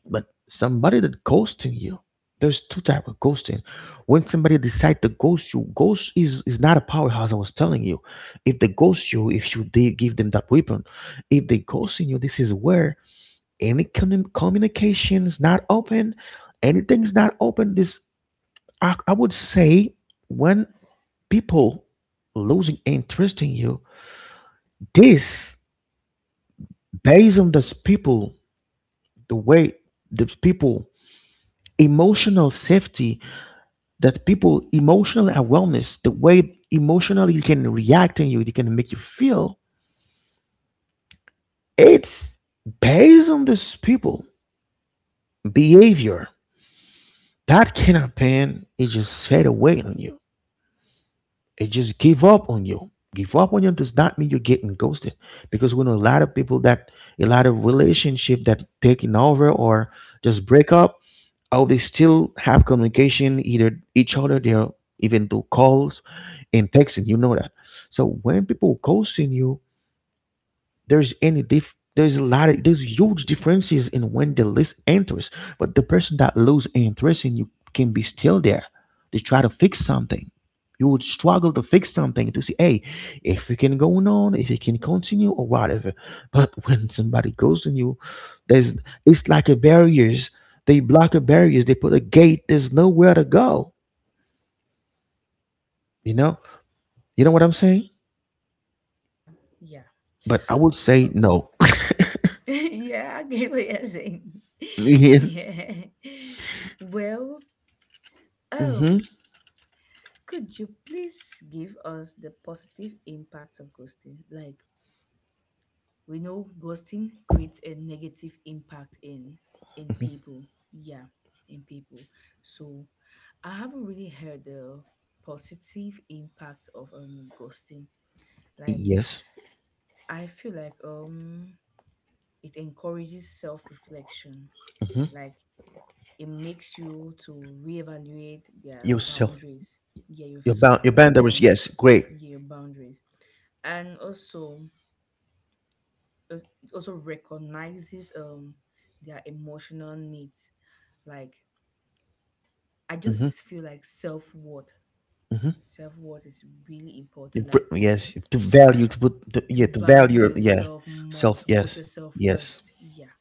S1: But somebody that ghosting you, there's two type of ghosting. When somebody decide to ghost you, ghost is not a powerhouse, I was telling you. If they ghost you, if you did give them that weapon, if they ghosting you, this is where any communication is not open, anything's not open. This, I would say, when people losing interest in you, this based on those people, the way those people emotional safety, that people emotional awareness, the way emotionally you can react and you can make you feel, it's based on this people behavior. That can happen. It just fade away on you. It just give up on you. Give up on you does not mean you're getting ghosted. Because we know a lot of people that, a lot of relationship that taking over or just break up. Oh, they still have communication, either each other, they are even do calls and texting. You know that. So when people ghosting you, there's any diff, there's a lot of, there's huge differences in when the list enters, but the person that lose interest in you can be still there, they try to fix something, you would struggle to fix something, to see hey, if it can go on, if it can continue or whatever. But when somebody goes on you, there's, it's like a barriers, they block a barriers, they put a gate, there's nowhere to go, you know, you know what I'm saying.
S2: yeah.
S1: But I would say
S2: Oh.
S1: no.
S2: Yeah, I get what you're saying.
S1: Yes.
S2: Yeah. Well,
S1: hmm
S2: um, could you please give us the positive impact of ghosting? Like, we know ghosting creates a negative impact in people, yeah, in people. So I haven't really heard the positive impact of ghosting. Like,
S1: yes.
S2: I feel like it encourages self-reflection.
S1: hmm
S2: Like it makes you to reevaluate their
S1: Yourself.
S2: boundaries. yeah
S1: Your bound
S2: yourself
S1: your
S2: bound
S1: boundaries,
S2: bam
S1: yes, great.
S2: yeah, your boundaries. And also, it also recognizes their emotional needs. Like, I
S1: hmm
S2: just feel like self-worth
S1: hmm
S2: self-worth is really important. Like,
S1: Yes, to value to put
S2: to
S1: yeah, to value,
S2: value
S1: yeah.
S2: yourself more,
S1: Self,
S2: to put
S1: yes.
S2: yourself
S1: Yes.
S2: first. Yeah.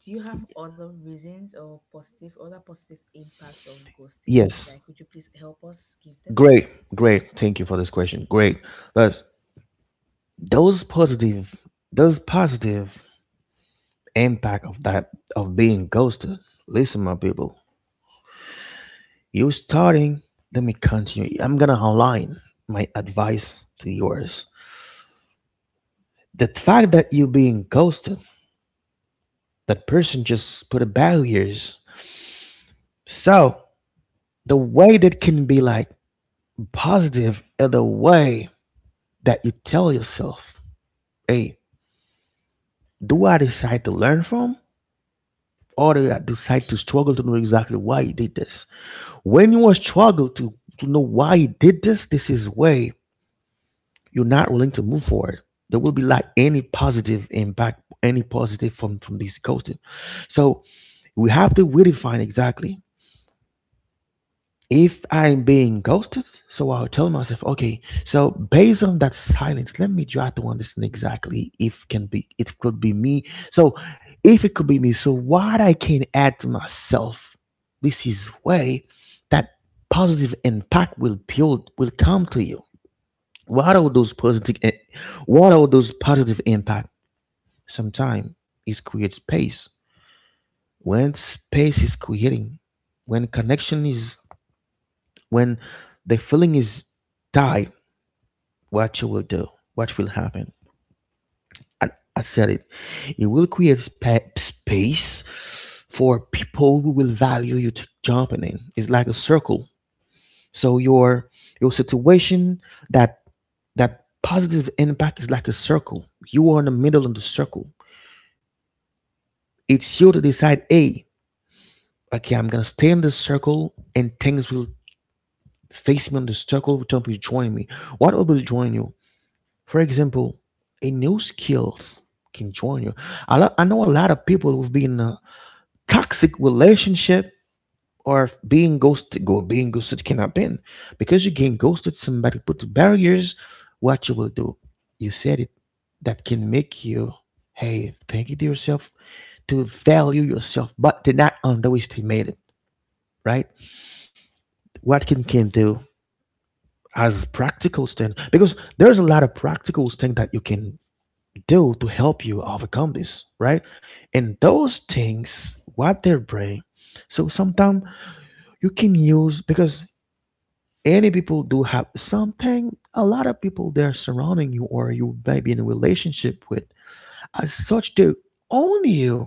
S2: Do you have other reasons or positive, other positive impacts of ghosting?
S1: Yes,
S2: Like, could you please help us give them?
S1: great, great, thank you for this question, great. But those positive, those positive impact of that, of being ghosted. Listen, my people, you starting, let me continue, I'm gonna align my advice to yours. The fact that you being ghosted, that person just put a barriers. So the way that can be like positive is the way that you tell yourself, hey, do I decide to learn from, or do I decide to struggle to know exactly why you did this? When you are struggle to know why you did this, this is way you're not willing to move forward. There will be like any positive impact, any positive from these coaching. So we have to redefine exactly, if I'm being ghosted, so I'll tell myself, okay, so based on that silence, let me try to understand exactly if can be, it could be me. So if it could be me, so what I can add to myself, this is way that positive impact will build will come to you. What are those positive, what are those positive impact? Sometimes it creates space. When space is creating, when connection is, when the feeling is tight, what you will do, what will happen. I, I said it. It will create space for people who will value you to jumping in. It's like a circle. So your situation, that positive impact is like a circle. You are in the middle of the circle. It's you to decide, hey, okay, I'm gonna stay in this circle and things will face me on the circle will join me. What will join you? For example, a new skills can join you. I know a lot of people who've been in a toxic relationship or being ghosted. Go Being ghosted can happen because you get ghosted. Somebody put barriers. What you will do? You said it. That can make you, hey, thank you to yourself, to value yourself, but to not underestimate it. Right? What can do as practical thing, because there's a lot of practical thing that you can do to help you overcome this, right? And those things, what they're bringing. So sometimes you can use, because any people do have something. A lot of people they're surrounding you or you may be in a relationship with. As such, they own you.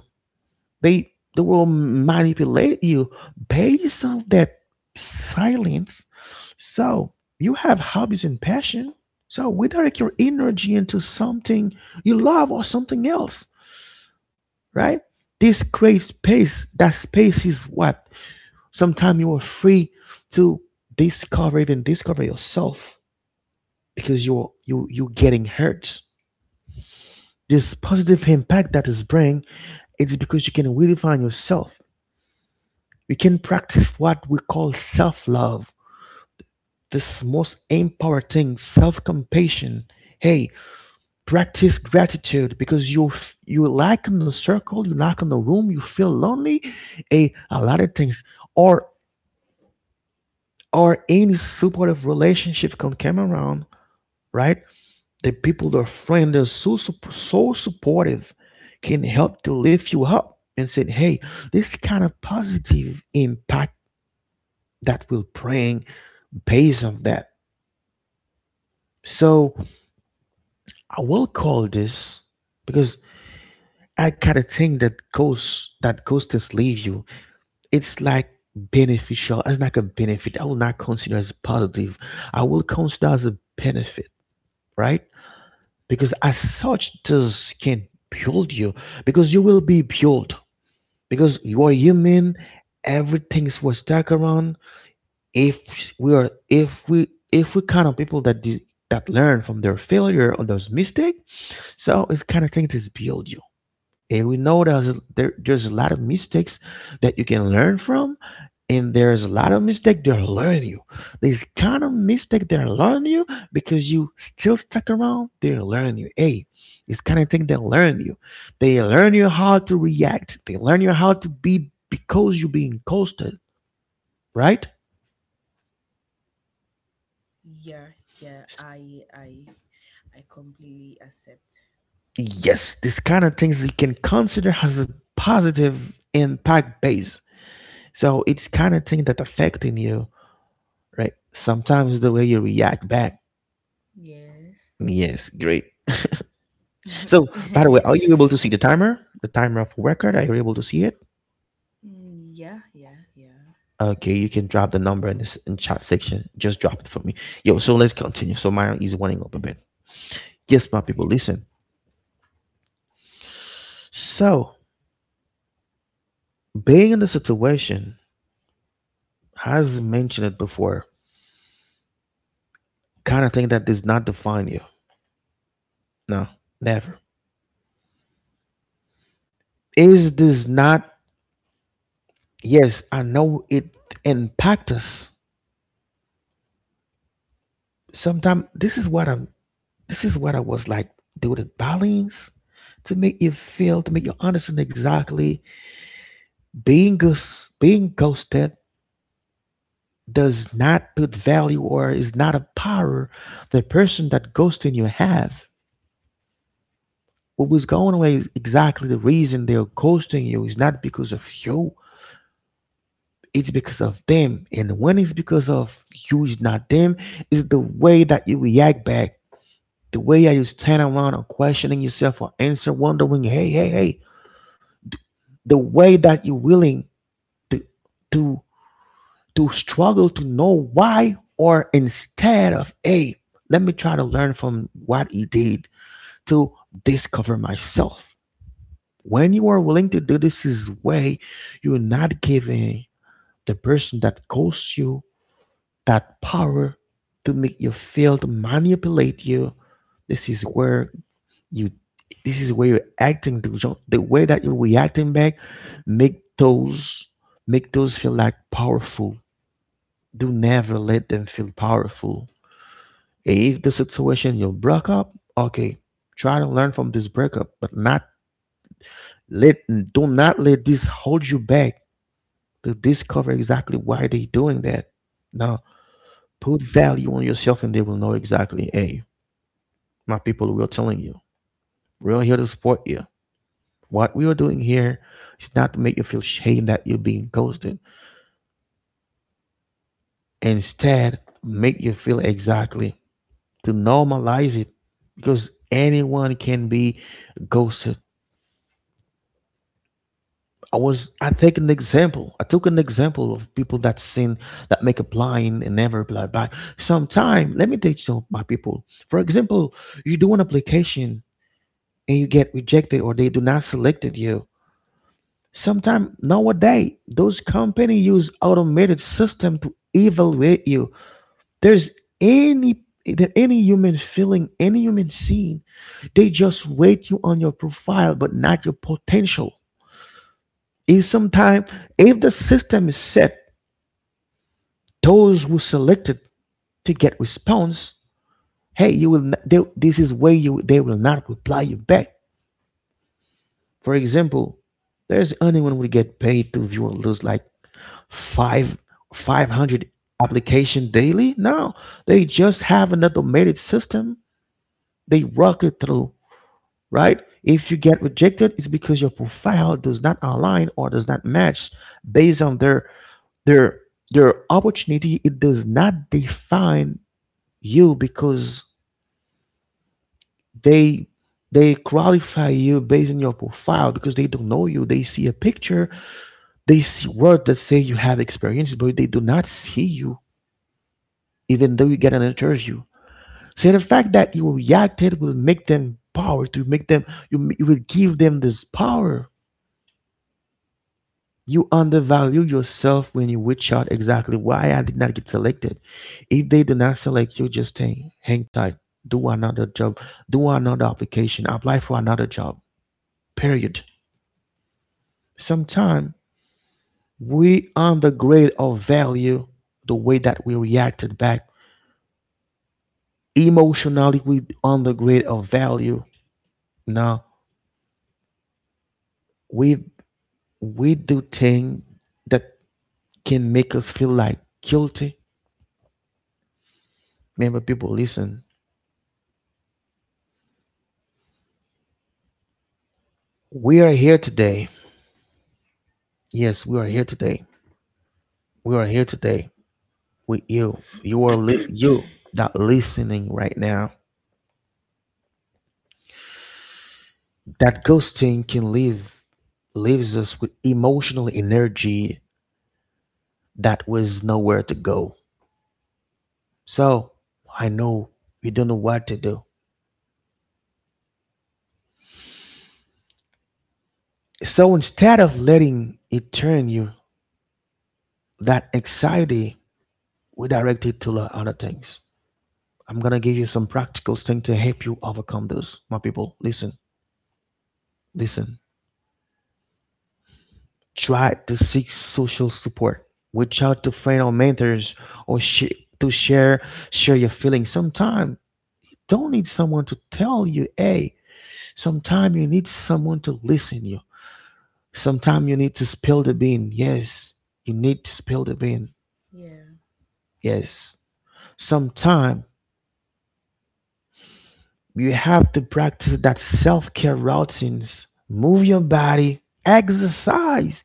S1: They will manipulate you based on that silence. So you have hobbies and passion. So we direct your energy into something you love or something else, right? This creates space. That space is what sometimes you are free to discover, even discover yourself, because you getting hurt. This positive impact that is bring, it's because you can redefine yourself. You can practice what we call self-love. This most empowering thing, self-compassion. Hey, practice gratitude because you lack in the circle, you lack in the room, you feel lonely, a lot of things. Or or any supportive relationship can come around, right? The people, the friend, they're so supportive, can help to lift you up and say, "Hey, this kind of positive impact that will bring based on that." So I will call this because I kind of think that ghosts leave you, it's like beneficial. It's like a benefit. I will not consider as positive. I will consider as a benefit, right? Because as such this can build you, because you will be built, because you are human, everything's was stuck around if we are if we kind of people that learn from their failure or those mistake. So it's kind of thing to build you, and we know that there's a lot of mistakes that you can learn from, and there's a lot of mistake they're learning you. There's kind of mistake they're learning you because you still stuck around. They're learning you. Hey, it's kind of thing they learn you. They learn you how to react. They learn you how to be because you're being coasted, right?
S2: Yeah, yeah,
S1: S-
S2: I completely accept.
S1: Yes, this kind of things you can consider has a positive impact base. So it's kind of thing that affecting you, right? Sometimes the way you react back.
S2: Yes.
S1: Yes, great. So, by the way, are you able to see the timer? The timer of record? Are you able to see it?
S2: Yeah, yeah, yeah.
S1: Okay, you can drop the number in this in chat section. Just drop it for me. Yo, so let's continue. So mine is winding up a bit. Yes, my people,
S2: Okay.
S1: listen. So being in the situation, as mentioned it before, kind of thing that does not define you. No, never. Is this not? Yes, I know it impact us. Sometimes this is what I was like. They would balance to make you feel, to make you understand exactly being ghosted does not put value or is not a power the person that ghosting you have. What was going away is exactly the reason they're ghosting you is not because of you. It's because of them. And when it's because of you, it's not them, it's the way that you react back. The way that you stand around or questioning yourself or answer, wondering, hey, hey, hey, the way that you're willing to to to struggle to know why, or instead of hey, let me try to learn from what he did to discover myself. When you are willing to do this his way, you're not giving the person that calls you that power to make you feel, to manipulate you. this is where You this is where you're acting the way that you're reacting back make those make those feel like powerful. Do never let them feel powerful. If the situation you broke up, okay, try to learn from this breakup, but not let, do not let this hold you back to discover exactly why they are doing that. Now put value on yourself and they will know exactly, hey, my people, we are telling you. We're here to support you. What we are doing here is not to make you feel shame that you're being ghosted. Instead, make you feel exactly, to normalize it, because anyone can be ghosted. I take an example. I took an example of people that sin that make a blind and never reply back. Sometime, let me teach some my people. For example, you do an application and you get rejected or they do not selected you. Sometimes nowadays, those companies use automated system to evaluate you. There's any, there any human feeling, any human scene, they just weight you on your profile, but not your potential. If sometime, if the system is set, those who selected to get response, hey, you will. Not, they, this is where you, they will not reply you back. For example, there's anyone will get paid to view or lose like five 500 application daily, no, they just have an automated system, they rock it through, right? If you get rejected, it's because your profile does not align or does not match based on their their opportunity. It does not define you because they they qualify you based on your profile, because they don't know you, they see a picture, they see words that say you have experience, but they do not see you, even though you get an interview. So the fact that you reacted will make them power, to make them, you will give them this power. You undervalue yourself when you reach out exactly why I did not get selected. If they do not select you, just hang tight. Do another job. Do another application. Apply for another job. Period. Sometimes we undergrade our value, the way that we reacted back. Emotionally, we undergrade our value. Now, we we do things that can make us feel like guilty. Remember, people, listen. We are here today. Yes, we are here today. We are here today with you. You that listening right now. That ghosting can leave, leaves us with emotional energy that was nowhere to go. So I know you don't know what to do. So instead of letting it turn you, that anxiety, we direct it to the other things. I'm gonna give you some practical thing to help you overcome this. My people, listen, listen. Try to seek social support. Reach out to friends or mentors, or sh- to share your feelings. Sometimes don't need someone to tell you, hey. Sometimes you need someone to listen to you. Sometimes you need to spill the bean. Yes, you need to spill the bean.
S2: Yeah.
S1: Yes. Sometimes you have to practice that self care routines. Move your body, exercise,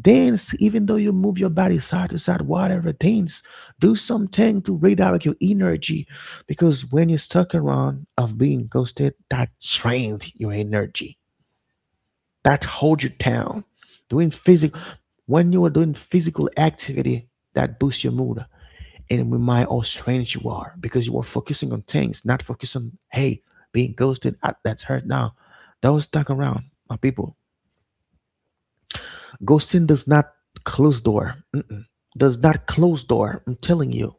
S1: dance, even though you move your body side to side, whatever, dance. Do something to redirect your energy, because when you're stuck around of being ghosted, that drains your energy, that holds you down. Doing physical, when you are doing physical activity, that boosts your mood, and we might how strange you are because you are focusing on things, not focusing on hey, being ghosted. Ah, that's hurt now. That was stuck around, my people. Ghosting does not close door. Mm-mm. Does not close door. I'm telling you.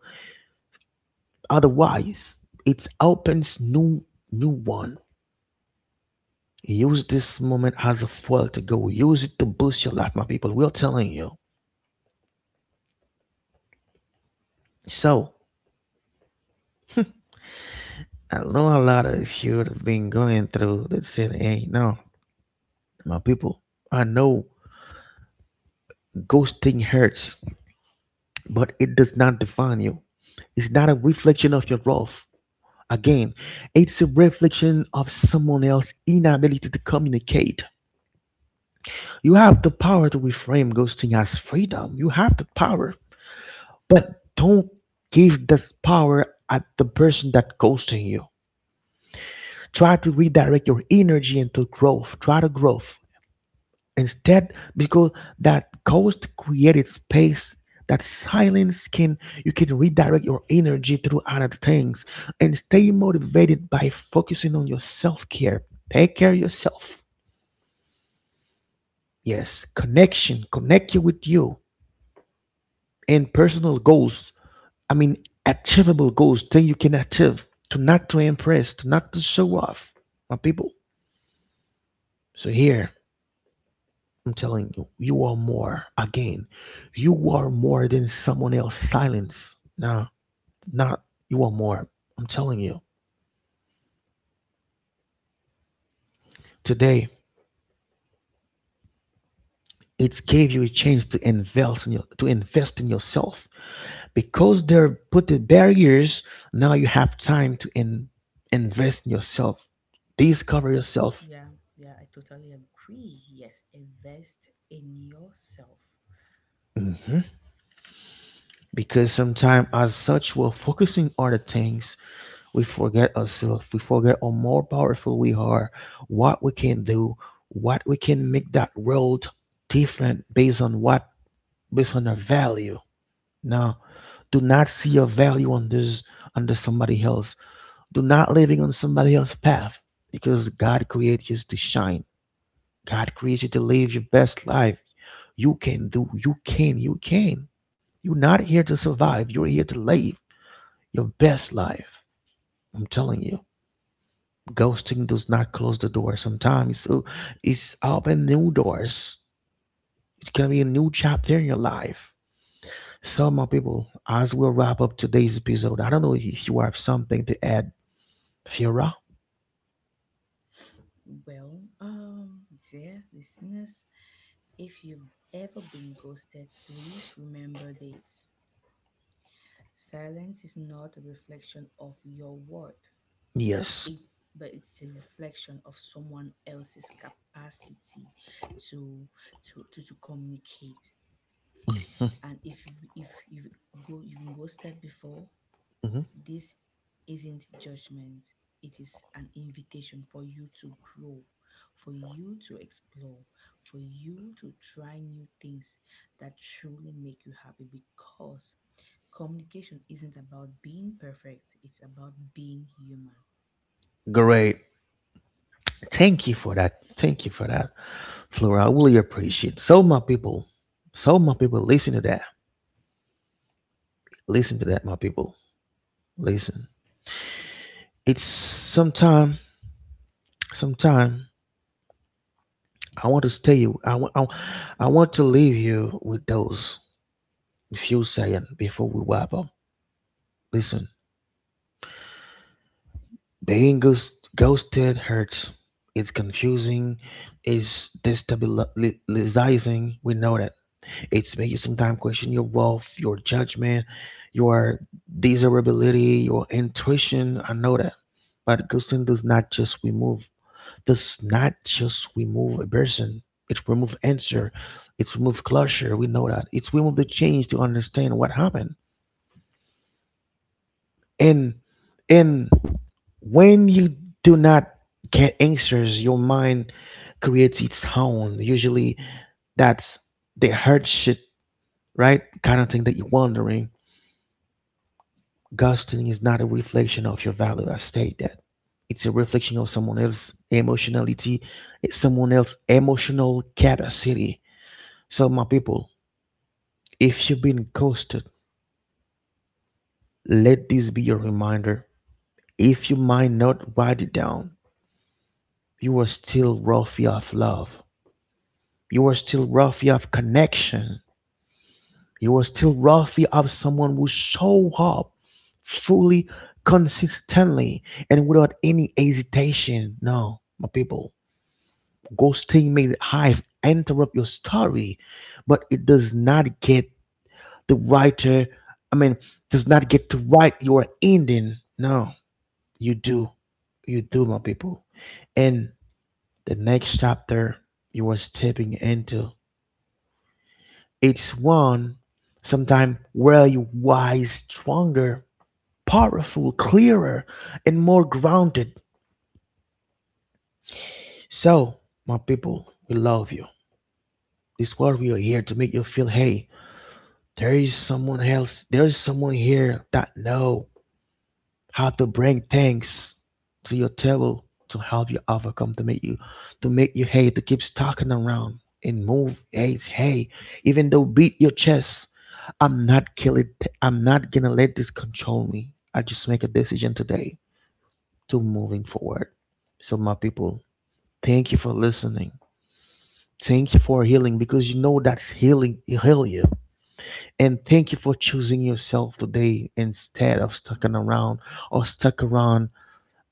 S1: Otherwise, it opens new, new one. Use this moment as a fuel to go. Use it to boost your life, my people. We're telling you. So I know a lot of you have been going through that said, hey, no, my people, I know ghosting hurts, but it does not define you. It's not a reflection of your worth. Again, it's a reflection of someone else's inability to communicate. You have the power to reframe ghosting as freedom. You have the power, but don't give this power at the person that ghosting you. Try to redirect your energy into growth. Try to grow. Instead, because that ghost created space, that silence can, you can redirect your energy through other things and stay motivated by focusing on your self-care. Take care of yourself. Yes, connection, connect you with you, and personal goals. I mean achievable goals, things you can achieve, to not to impress, to not to show off. My people. So here. I'm telling you, you are more. Again, you are more than someone else. Silence. Nah, not, you are more. I'm telling you. Today, it gave you a chance to to invest in yourself. Because they're put the barriers, now you have time to invest in yourself.
S2: I
S1: Discover
S2: to-
S1: yourself.
S2: yeah, yeah, I totally agree. Yes, invest in yourself.
S1: Mhm. Because sometimes as such we're focusing on the things, we forget ourselves. We forget how more powerful we are, what we can do, what we can make that world different based on what, based on our value. Now, do not see your value on this, under somebody else. Do not living on somebody else's path because God created you to shine. God created you to live your best life. You can do, you can. You're not here to survive. You're here to live your best life. I'm telling you. Ghosting does not close the door sometimes, so it's open new doors. It's gonna be a new chapter in your life. So my people, as we wrap up today's episode, I don't know if you have something to add, Fiora.
S2: Well, dear listeners, if you've ever been ghosted, please remember this. Silence is not a reflection of your worth.
S1: Yes.
S2: It's but it's a reflection of someone else's capacity to to communicate. And if you if you've been ghosted before,
S1: Mhm.
S2: this isn't judgment, it is an invitation for you to grow, for you to explore, for you to try new things that truly make you happy, because communication isn't about being perfect, it's about being human.
S1: Great, thank you for that, thank you for that, Flora, I really appreciate. So my people, listen to that, listen to that, my people, listen. It's sometime I want to stay you. I want. I want to leave you with those few seconds before we wrap up. Listen, ghosted hurts. It's confusing. It's destabilizing. We know that. It's making you sometimes question your worth, your judgment, your desirability, your intuition. I know that. But ghosting does not just remove a person. It remove answer. It's remove closure. We know that. It's remove the change to understand what happened. And, and when you do not get answers, your mind creates its own. Usually that's the hurt shit, right? Kind of thing that you're wondering. Ghosting is not a reflection of your value. I state that. It's a reflection of someone else's emotionality, it's someone else's emotional capacity. So, my people, if you've been ghosted, let this be your reminder. If you might not write it down, you are still worthy of love. You are still worthy of connection. You are still worthy of someone who show up fully, consistently, and without any hesitation. No, my people, ghosting may have interrupt your story, but it does not get the writer, I mean, does not get to write your ending. No, you do. You do, my people. And the next chapter you are stepping into, it's one sometime where you wise stronger, powerful, clearer, and more grounded. So my people, we love you. This is what we are here to make you feel, hey, there is someone else, there is someone here that know how to bring things to your table, to help you overcome, to make you, to make you hate to keep stalking around and move. Hey, hey, even though beat your chest, I'm not killing, I'm not gonna let this control me, I just make a decision today to moving forward. So my people, thank you for listening, thank you for healing, because you know that's healing, heal you. And thank you for choosing yourself today instead of stucking around, or stuck around,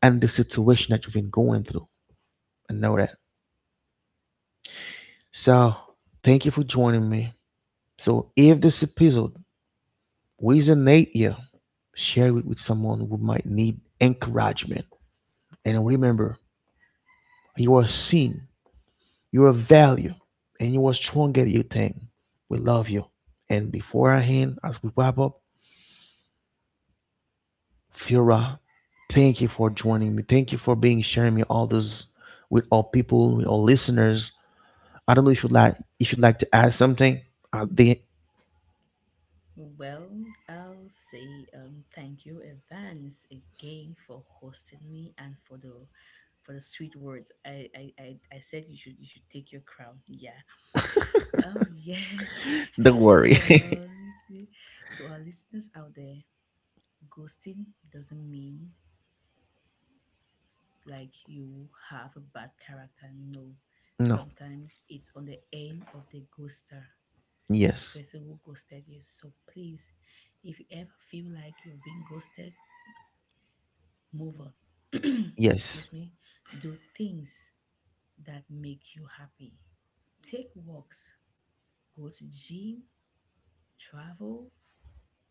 S1: and the situation that you've been going through. I know that. So thank you for joining me. So if this episode resonate you, share it with someone who might need encouragement. And remember, you are seen, you are valued, and you are stronger than you think. We love you. And before I end, as we wrap up, Fira, thank you for joining me. Thank you for being sharing me all this with all people, with all listeners. I don't know if you'd like to add something at the.
S2: Well, I'll say thank you, Evans, again for hosting me and for the sweet words. I said you should, you should take your crown. Yeah. Yeah.
S1: Don't worry.
S2: Well, to our listeners out there, ghosting doesn't mean like you have a bad character. No,
S1: No.
S2: sometimes it's on the end of the ghoster, the
S1: Yes.
S2: person who ghosted you. So please, if you ever feel like you've been ghosted, move on.
S1: Yes.
S2: Excuse me. Do things that make you happy. Take walks, go to gym, travel,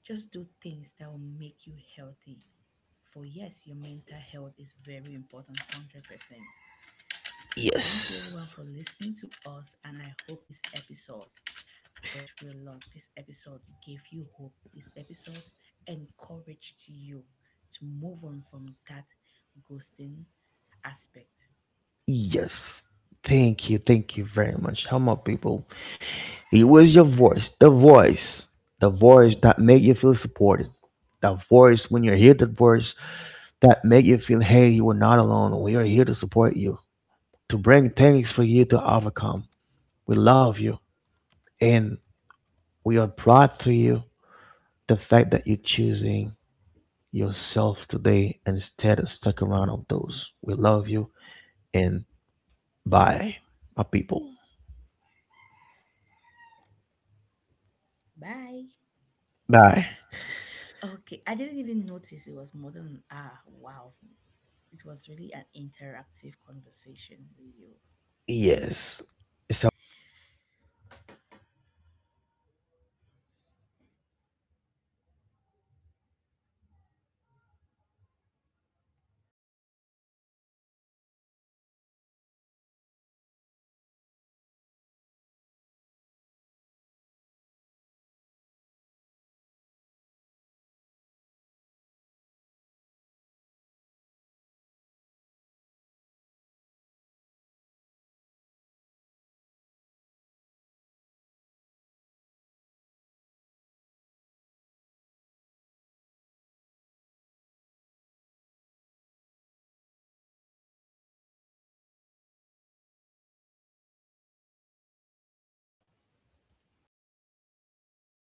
S2: just do things that will make you healthy. For yes, your mental health is very important, 100%. So thank you
S1: Yes.
S2: everyone for listening to us. And I hope this episode touched you a lot. This episode gave you hope. This episode encouraged you to move on from that ghosting aspect.
S1: Yes. Thank you. Thank you very much. How my people. It was your voice. The voice. The voice that made you feel supported. The voice when you hear the voice that make you feel, hey, you are not alone. We are here to support you, to bring things for you to overcome. We love you. And we are proud for you. The fact that you're choosing yourself today instead of stuck around of those. We love you. And by, my people.
S2: Bye. Okay, I didn't even notice it was more than an hour. Wow. It was really an interactive conversation with you.